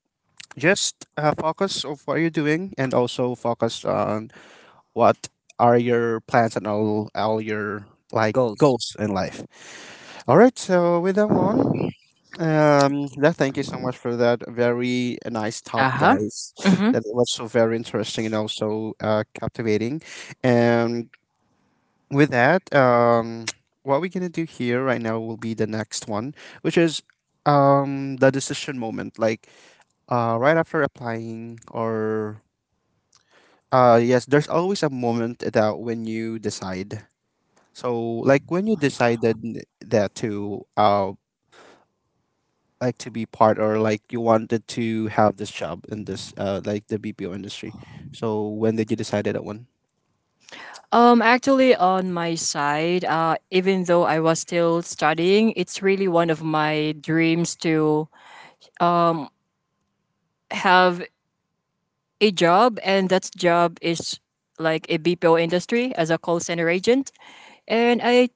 Speaker 1: just focus of what you're doing, and also focus on what are your plans and all your like
Speaker 3: Goals.
Speaker 1: goals in life. All right, so with that one, yeah, thank you so much for that very nice talk,
Speaker 2: Uh-huh.
Speaker 1: guys.
Speaker 2: Mhm.
Speaker 1: That was so very interesting, and also captivating. And with that, what we're gonna do here right now will be the next one, which is the decision moment. Like right after applying, or yes, there's always a moment that when you decide. So like when you decided n- that to like to be part, or like you wanted to have this job in this like the BPO industry. So when did you decide that one?
Speaker 2: Actually, on my side, even though I was still studying, it's really one of my dreams to um have a job, and that job is like a BPO industry as a call center agent. And I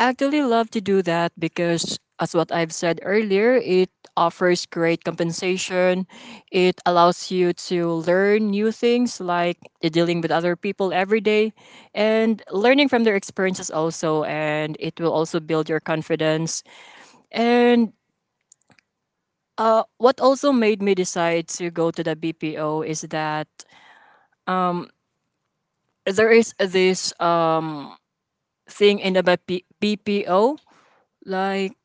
Speaker 2: actually love to do that because, as what I've said earlier, it offers great compensation. It allows you to learn new things like dealing with other people every day and learning from their experiences also. And it will also build your confidence. And what also made me decide to go to the BPO is that there is this seeing in a BPO, like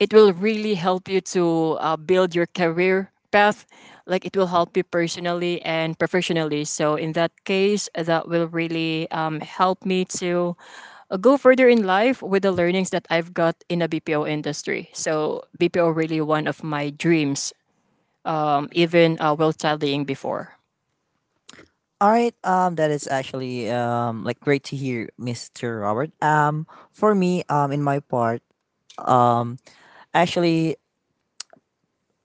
Speaker 2: it will really help you to build your career path. Like it will help you personally and professionally. So in that case, that will really help me to go further in life with the learnings that I've got in the BPO industry. So BPO really one of my dreams, even while studying before.
Speaker 3: All right. That is actually great to hear, Mister Robert. Um, for me, in my part, um, actually,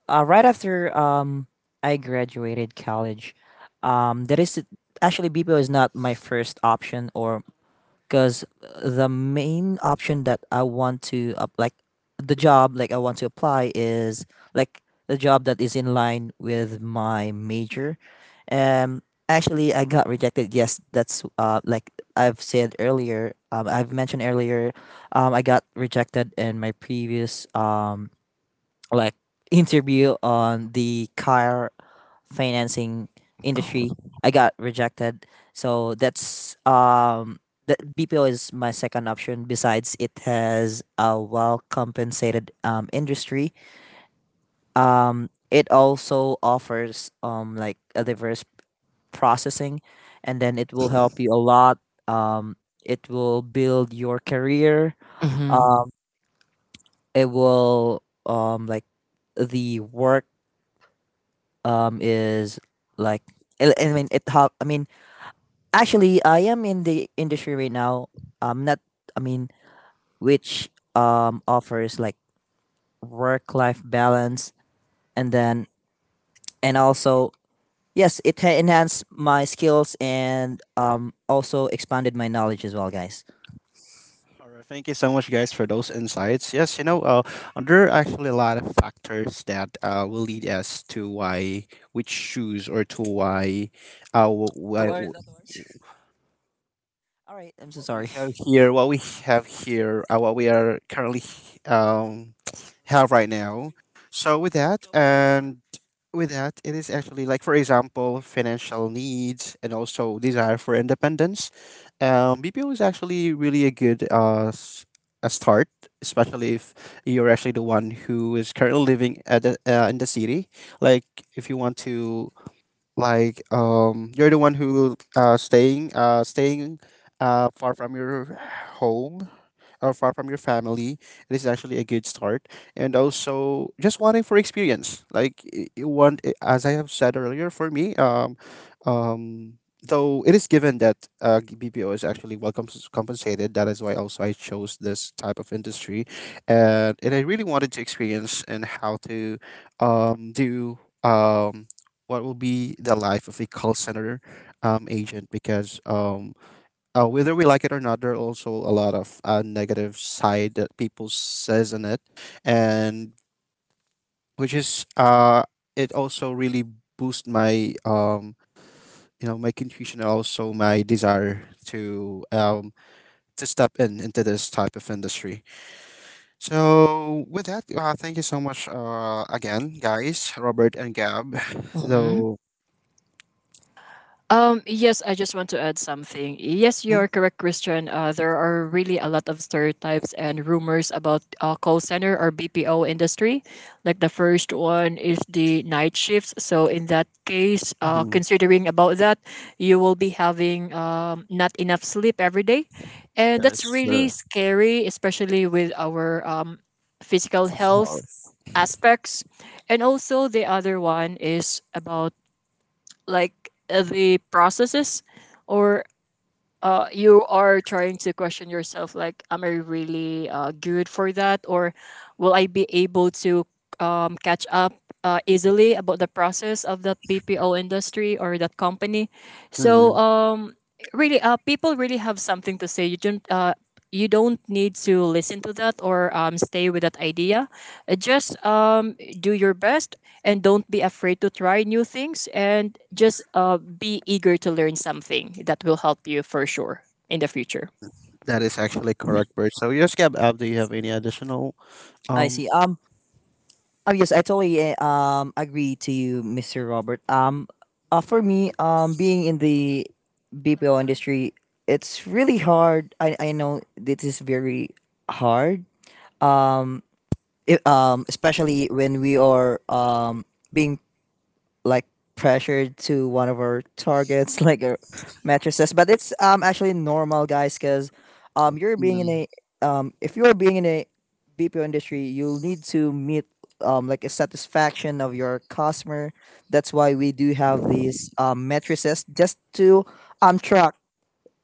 Speaker 3: right after I graduated college, that is actually BPO is not my first option or because the main option that I want to up like the job like I want to apply is like the job that is in line with my major. Um, Actually, I got rejected. Yes, that's like I've said earlier. I've mentioned earlier. I got rejected in my previous like interview on the car financing industry.
Speaker 2: Cool.
Speaker 3: I got rejected. So that BPO is my second option. Besides, it has a well compensated industry. It also offers a diverse processing, and then it will help you a lot. Um it will build your career. Uh it will like the work is like I mean it help I mean Actually, I am in the industry right now. I'm not. I mean, Which offers like work life balance, and then and also yes, it enhanced my skills and also expanded my knowledge as well, guys.
Speaker 1: All right, thank you so much, guys, for those insights. Yes, you know, there are actually a lot of factors that will lead us to why we choose, or to why, uh, wh-
Speaker 3: Two
Speaker 1: why,
Speaker 3: hours, not two hours. All right, I'm so
Speaker 1: we
Speaker 3: sorry.
Speaker 1: have here, what we are currently um, have right now. So with that, it is actually, like for example, financial needs, and also desire for independence. BPO is actually really a good a start, especially if you're actually the one who is currently living at the, in the city. Like if you want to, you're the one who staying far from your home, far from your family. It is actually a good start. And also just wanting for experience. Like you want, as I have said earlier, for me, um, though it is given that BPO is actually well compensated. That is why also I chose this type of industry, and I really wanted to experience and how to do, um, what will be the life of a call center agent, because whether we like it or not, there are also a lot of negative side that people says in it, and which is it also really boost my, you know, my confusion and also my desire to, to step in into this type of industry. So with that, thank you so much again, guys, Robert and Gab.
Speaker 2: Mm-hmm.
Speaker 1: So.
Speaker 2: Yes, I just want to add something. Yes, you're correct, Christian. There are really a lot of stereotypes and rumors about call center or BPO industry. Like the first one is the night shifts. So in that case,
Speaker 1: Mhm,
Speaker 2: considering about that, you will be having not enough sleep every day. And
Speaker 1: that
Speaker 2: that's
Speaker 1: is true.
Speaker 2: really scary, especially with our physical health aspects. And also the other one is about like the processes or you are trying to question yourself like am I really good for that or will I be able to catch up easily about the process of that BPO industry or that company, so
Speaker 1: Mhm,
Speaker 2: really people really have something to say. You don't you don't need to listen to that or stay with that idea. Just do your best and don't be afraid to try new things and just be eager to learn something that will help you for sure in the future.
Speaker 1: that is actually correct, Bert. So, yes, Gab, do you have any additional
Speaker 3: I
Speaker 1: um
Speaker 3: see. Oh yes, I totally agree to you, Mr. Robert. Um, for me, being in the BPO industry, it's really hard. I know this is very hard. Um, Especially when we are being like pressured to one of our targets, like our mattresses. But it's actually normal, guys, because you're being in
Speaker 1: mm,
Speaker 3: a if you're being in a BPO industry, you'll need to meet a satisfaction of your customer. That's why we do have these mattresses just to track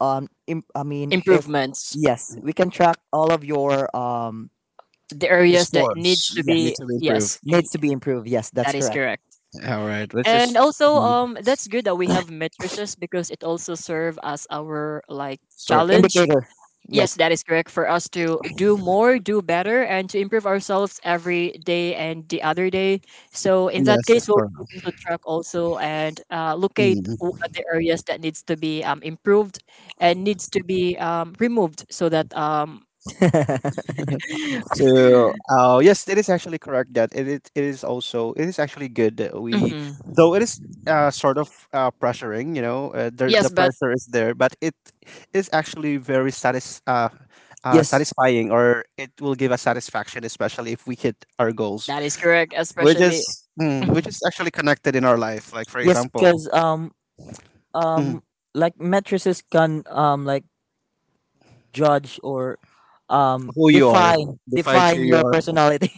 Speaker 3: im- I mean if
Speaker 2: Improvements,
Speaker 3: yes, we can track all of your
Speaker 2: the
Speaker 1: the
Speaker 2: areas that needs
Speaker 1: scores
Speaker 2: to
Speaker 1: need
Speaker 3: yes
Speaker 2: be,
Speaker 1: to
Speaker 2: yes,
Speaker 1: improve.
Speaker 3: needs to be improved yes that's
Speaker 2: that is
Speaker 3: correct
Speaker 2: correct.
Speaker 1: All right, let's
Speaker 2: And
Speaker 1: just
Speaker 2: also,
Speaker 1: mm,
Speaker 2: that's good that we have matrices because it also serve as our like
Speaker 1: start off.
Speaker 2: challenge.
Speaker 3: indicator
Speaker 2: Yes,
Speaker 3: yes
Speaker 2: that is correct for us to do more, do better, and to improve ourselves every day and the other day. So in that
Speaker 1: Yes, let's
Speaker 2: case, we'll
Speaker 1: start
Speaker 2: be able
Speaker 1: off.
Speaker 2: to track also and locate
Speaker 1: Mm.
Speaker 2: the areas that needs to be improved and needs to be removed so that
Speaker 1: So, yes, it is actually correct that it is also it is actually good that we,
Speaker 2: mhm.
Speaker 1: though it is sort of pressuring, you know, there,
Speaker 2: Yes,
Speaker 1: the
Speaker 2: but
Speaker 1: pressure is there, but it is actually very
Speaker 3: yes.
Speaker 1: satisfying, or it will give us satisfaction, especially if we hit our goals,
Speaker 2: that is correct.
Speaker 1: which
Speaker 2: Especially
Speaker 1: is which
Speaker 2: mhm,
Speaker 1: is actually connected in our life. Like for
Speaker 3: Yes,
Speaker 1: example.
Speaker 3: because
Speaker 1: Mm-hmm.
Speaker 3: um mattresses can judge or
Speaker 1: Who you are defines who
Speaker 3: define
Speaker 1: you
Speaker 3: your
Speaker 1: are,
Speaker 3: personality.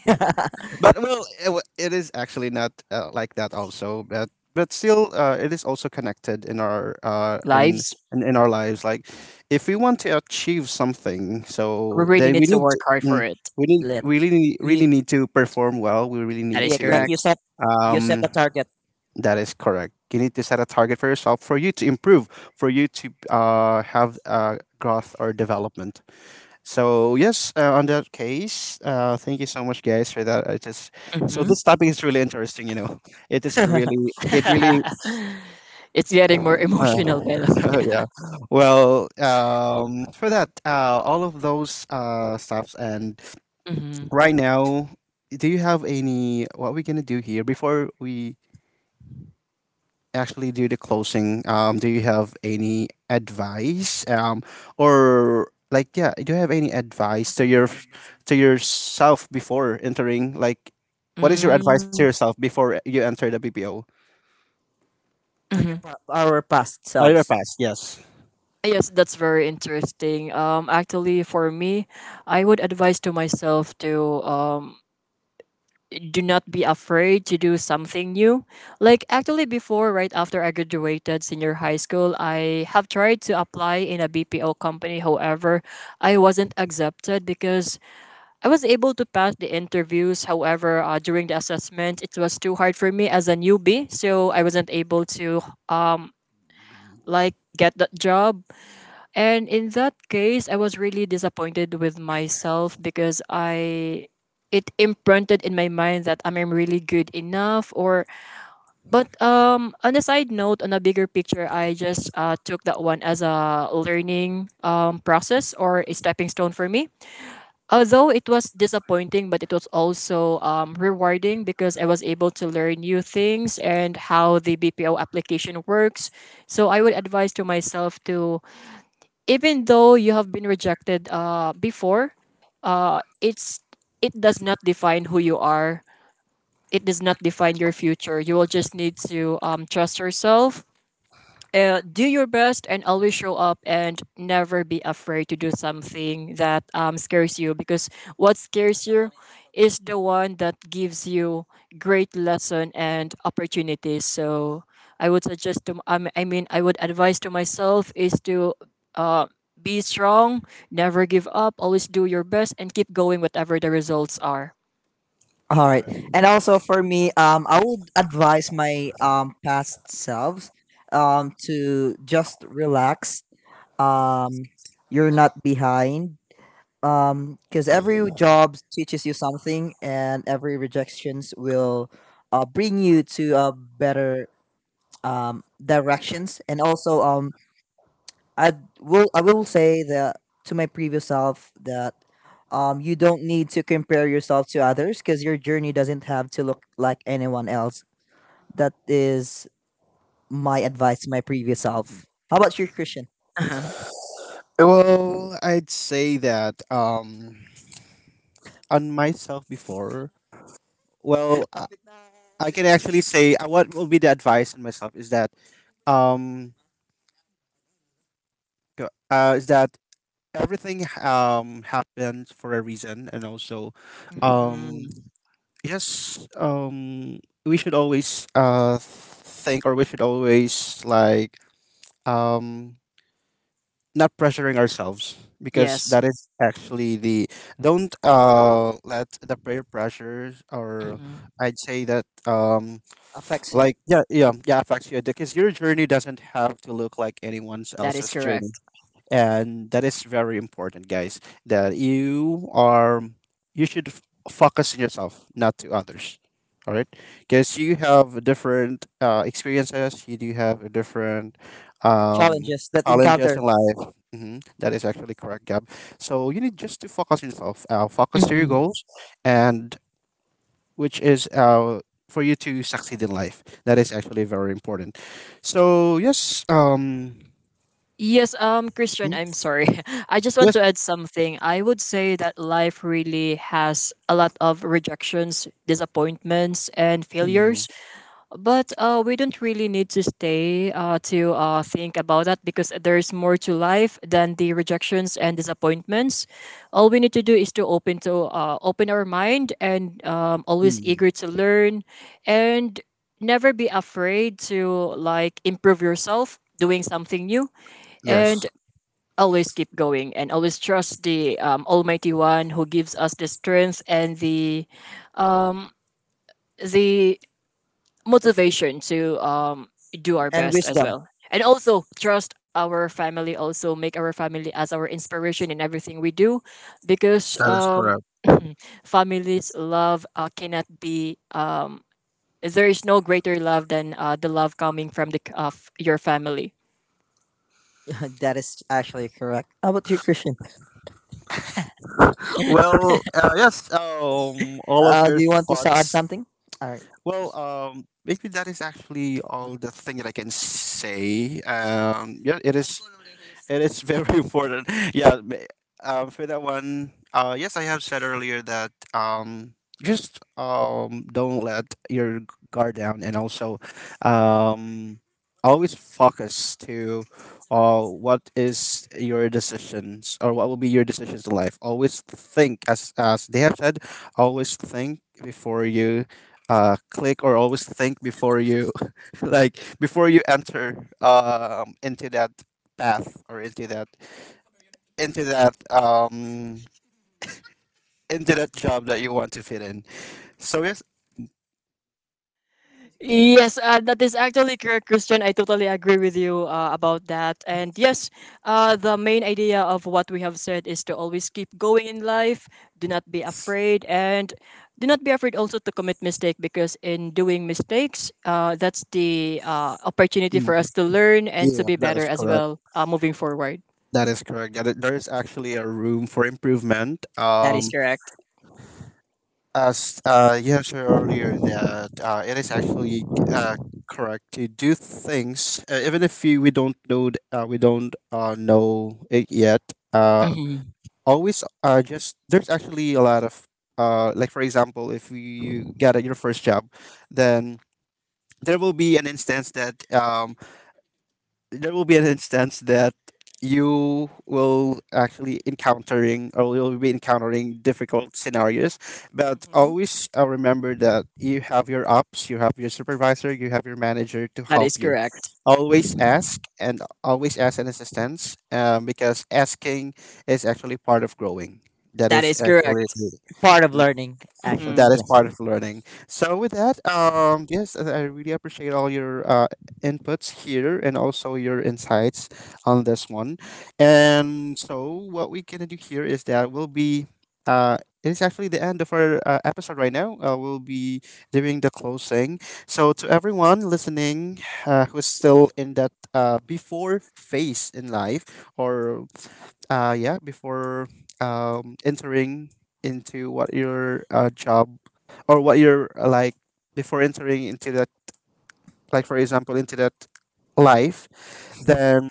Speaker 1: but it is actually not like that also, but still it is also connected in our
Speaker 2: lives,
Speaker 1: in our lives. Like if we want to achieve something,
Speaker 2: we
Speaker 1: so
Speaker 2: really
Speaker 1: then
Speaker 2: need
Speaker 1: we
Speaker 2: to
Speaker 1: need to,
Speaker 2: work hard for
Speaker 1: mm,
Speaker 2: it.
Speaker 1: we need
Speaker 3: Let
Speaker 1: we really
Speaker 3: you
Speaker 1: really need to perform well. We really
Speaker 2: That
Speaker 1: need
Speaker 3: yeah,
Speaker 2: is
Speaker 1: to
Speaker 3: like
Speaker 2: correct.
Speaker 3: you set
Speaker 1: um
Speaker 3: a target
Speaker 1: that is correct. You need to set a target for yourself for you to improve, for you to have growth or development. So yes, on that case, thank you so much, guys, for that. It is so
Speaker 2: Mhm.
Speaker 1: this topic is really interesting. You know, it is really, it really,
Speaker 2: It's getting more emotional, by the way.
Speaker 1: uh, yeah. Well, for that, all of those stuffs, and
Speaker 2: Mhm.
Speaker 1: right now, do you have any? What we gonna do here before we actually do the closing, do you have any advice, or like yeah, do you have any advice to your to yourself before entering? Like, what is your advice to
Speaker 2: Mm,
Speaker 1: yourself before you enter the BPO?
Speaker 3: like a
Speaker 2: mhm.
Speaker 3: our past
Speaker 1: Career
Speaker 3: selves.
Speaker 1: path, yes.
Speaker 2: Yes, that's very interesting. Actually, for me, I would advise to myself to do not be afraid to do something new. Like actually, before right after I graduated senior high school, I have tried to apply in a BPO company. However, I wasn't accepted because I was able to pass the interviews. However, during the assessment, it was too hard for me as a newbie, so I wasn't able to like get that job. And in that case, I was really disappointed with myself because I it imprinted in my mind that I'm really good enough or but on a side note, on a bigger picture, I just took that one as a learning process or a stepping stone for me. Although it was disappointing, but it was also rewarding because I was able to learn new things and how the BPO application works. So I would advise to myself to, even though you have been rejected before, uh, it's it does not define who you are. It does not define your future. You will just need to trust yourself, do your best and always show up and never be afraid to do something that scares you because what scares you is the one that gives you great lesson and opportunities. So I mean, I would advise to myself is to uh, be strong, never give up, always do your best and keep going whatever the results are.
Speaker 3: All right. And also for me, I would advise my past selves to just relax. Um, you're not behind. Because every job teaches you something, and every rejections will bring you to a better directions. And also, um, I I will say that to my previous self that you don't need to compare yourself to others, because your journey doesn't have to look like anyone else. That is my advice to my previous self. How about you, Christian?
Speaker 2: Uh-huh.
Speaker 1: Well, I'd say that on myself before. Well, I can actually say what will be the advice on myself is that, um, is that everything happens for a reason, and also um
Speaker 2: Mhm.
Speaker 1: yes we should always think, or we should always um not pressuring ourselves, because
Speaker 2: Yes.
Speaker 1: that is actually the don't let the peer pressures or,
Speaker 2: Mhm.
Speaker 1: I'd say that
Speaker 3: Affects you,
Speaker 1: like yeah, affects you, because your journey doesn't have to look like anyone
Speaker 2: That is
Speaker 1: else's journey.
Speaker 2: correct.
Speaker 1: And that is very important, guys, that you are you should focus on yourself, not to others, all right? Because you have different experiences, you do have a different um,
Speaker 3: challenges that
Speaker 1: challenges
Speaker 3: encounter,
Speaker 1: in life. Mhm, that is actually correct, Gab. So you need just to focus on yourself, focus to your
Speaker 2: Mhm.
Speaker 1: goals, and which is for you to succeed in life. That is actually very important. So yes,
Speaker 2: Yes, Christian,
Speaker 1: hmm,
Speaker 2: I'm sorry. I just want
Speaker 1: yes.
Speaker 2: to add something. I would say that life really has a lot of rejections, disappointments, and
Speaker 1: Mhm.
Speaker 2: failures. But we don't really need to stay to think about that because there's more to life than the rejections and disappointments. All we need to do is to open our mind and always
Speaker 1: Mhm.
Speaker 2: eager to learn and never be afraid to like improve yourself doing something new
Speaker 1: Yes,
Speaker 2: and always keep going and always trust the almighty one who gives us the strength and um, the
Speaker 3: f-
Speaker 2: motivation to do our
Speaker 3: and
Speaker 2: best as
Speaker 3: wisdom.
Speaker 2: well and also trust our family, also make our family as our inspiration in everything we do because
Speaker 1: that is correct.
Speaker 2: families love cannot be there is no greater love than the love coming from the of your family.
Speaker 3: That is actually correct. How about you, Christian?
Speaker 1: Well, yes, all of your
Speaker 3: Do you want to add
Speaker 1: thoughts.
Speaker 3: something? All right.
Speaker 1: Well, maybe that is actually all the thing that I can say. Yeah, it is. It is very important. For that one. Yes, I have said earlier that just don't let your guard down, and also um, always focus to what is your decisions, or what will be your decisions in life. Always think, as they have said, always think before you click, or always think before you like before you enter into that path, or into that, into that job that you want to fit in. So yes,
Speaker 2: Yes, that is actually correct, Christian. I totally agree with you about that. And yes, the main idea of what we have said is to always keep going in life, do not be afraid, and do not be afraid also to commit mistake because in doing mistakes, that's the opportunity
Speaker 1: mhm.
Speaker 2: for us to learn and to
Speaker 1: Yeah,
Speaker 2: be
Speaker 1: that
Speaker 2: better
Speaker 1: is
Speaker 2: as
Speaker 1: correct.
Speaker 2: well moving forward.
Speaker 1: That is correct. That there is actually a room for improvement.
Speaker 2: That is correct.
Speaker 1: As you have said earlier, that it is actually uh, correct to do things even if we don't we don't know it yet. Uh,
Speaker 2: Mhm.
Speaker 1: always just there's actually a lot of for example, if you get your first job, then there will be an instance that um there will be an instance that you will actually encountering or you'll be encountering difficult scenarios. But
Speaker 2: Mm-hmm.
Speaker 1: always remember that you have your ups, you have your supervisor, you have your manager to
Speaker 2: That
Speaker 1: help
Speaker 2: is
Speaker 1: you.
Speaker 2: correct.
Speaker 1: Always ask, and always ask an assistance, because asking is actually part of growing. That
Speaker 2: That
Speaker 1: is
Speaker 2: is
Speaker 1: actually
Speaker 2: correct.
Speaker 3: Part of learning, actually.
Speaker 1: that is
Speaker 2: Mm-hmm.
Speaker 3: Yes.
Speaker 1: part of learning. So with that, yes, I really appreciate all your inputs here, and also your insights on this one. And so what we're gonna do here is that we'll be. Uh, it's actually the end of our episode right now. We'll be doing the closing. So to everyone listening, who's still in that before phase in life, or yeah, before entering into what your job, or what you're before entering into that, like for example into that life, then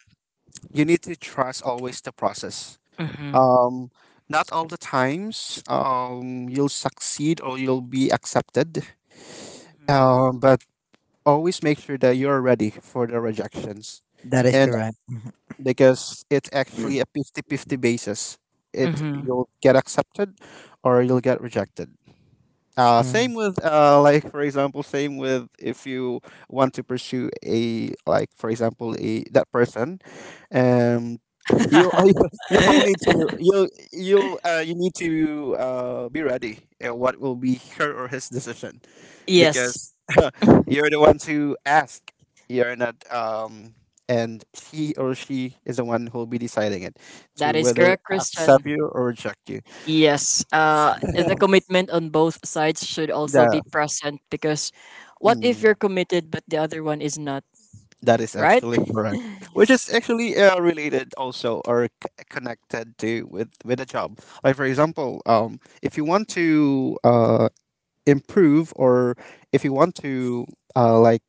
Speaker 1: you need to trust always the process.
Speaker 2: Mm-hmm.
Speaker 1: Um, not all the times you'll succeed, or you'll be accepted,
Speaker 2: Mm-hmm.
Speaker 1: but always make sure that you're ready for the rejections,
Speaker 3: That is
Speaker 1: and
Speaker 3: correct.
Speaker 1: because it's actually a 50-50 basis, it
Speaker 2: Mm-hmm.
Speaker 1: you'll get accepted, or you'll get rejected.
Speaker 3: Mm.
Speaker 1: Same with, like for example, same with if you want to pursue a, like for example, a that person, um, you you'll need to you need to be ready. What will be her or his decision?
Speaker 2: Yes,
Speaker 1: Because you're the one to ask. You're not and he or she is the one who'll be deciding it,
Speaker 2: that
Speaker 1: to
Speaker 2: is
Speaker 1: whether
Speaker 2: correct,
Speaker 1: accept
Speaker 2: Christian.
Speaker 1: you or reject you.
Speaker 2: Yes, the commitment on both sides should also be
Speaker 1: The
Speaker 2: present because what if
Speaker 1: mm,
Speaker 2: you're committed but the other one is not,
Speaker 1: that is
Speaker 2: right?
Speaker 1: actually correct. Which is actually related also, or connected to, with a job. Like for example, if you want to improve, or if you want to uh, like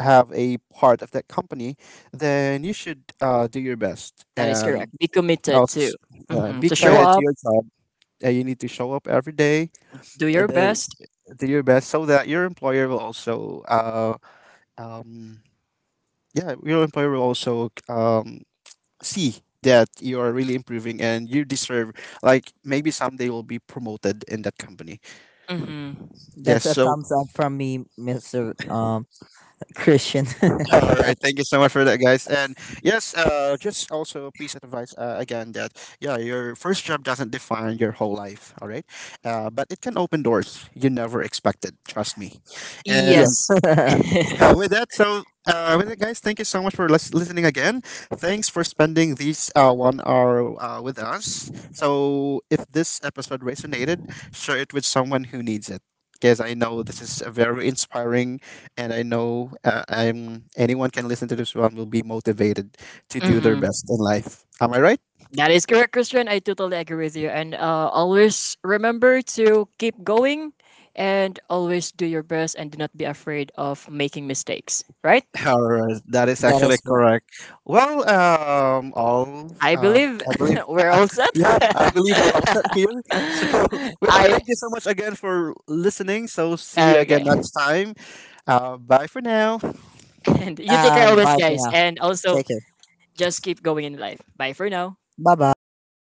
Speaker 1: have a part of that company, then you should do your best,
Speaker 2: That is
Speaker 1: and
Speaker 2: correct. Be committed
Speaker 1: also
Speaker 2: to, mhm,
Speaker 1: be
Speaker 2: to show
Speaker 3: Correct.
Speaker 1: committed to
Speaker 2: up.
Speaker 1: your job. You need to show up every day,
Speaker 2: Do
Speaker 1: and
Speaker 2: your
Speaker 1: then
Speaker 2: best.
Speaker 1: do your best, so that your employer will also um, yeah, your employer will also see that you are really improving, and you deserve like maybe someday you'll be promoted in that company.
Speaker 2: Hmm.
Speaker 1: Yes,
Speaker 3: That's a
Speaker 1: so
Speaker 3: thumbs up from me, Mr. Christian.
Speaker 1: all right, thank you so much for that, guys. And yes, just also a piece of advice, again, that yeah, your first job doesn't define your whole life, all right? Uh, but it can open doors you never expected, trust me. And
Speaker 3: Yes.
Speaker 2: Yes.
Speaker 3: That
Speaker 1: With that, so with that, guys, thank you so much for listening again. Thanks for spending these 1 hour with us. So, if this episode resonated, share it with someone who needs it. Because I know this is a very inspiring, and I know I'm anyone can listen to this one will be motivated to do their
Speaker 2: Hmm.
Speaker 1: best in life. Am I right?
Speaker 2: That is correct, Christian. I totally agree with you. And always remember to keep going and always do your best and do not be afraid of making mistakes, right?
Speaker 1: Alright, that is actually
Speaker 3: is correct.
Speaker 1: correct. Well, all
Speaker 2: I believe
Speaker 1: I believe,
Speaker 2: we're all set.
Speaker 1: yeah, I believe we're all set here. So, well,
Speaker 2: I.
Speaker 1: thank you so much again for listening. So, see you again
Speaker 2: Okay.
Speaker 1: next time. Bye for now.
Speaker 2: And you take care always,
Speaker 3: Bye for
Speaker 2: guys.
Speaker 3: now.
Speaker 2: And also,
Speaker 3: Take care.
Speaker 2: just keep going in life. Bye for now.
Speaker 3: Bye
Speaker 2: God
Speaker 3: bye.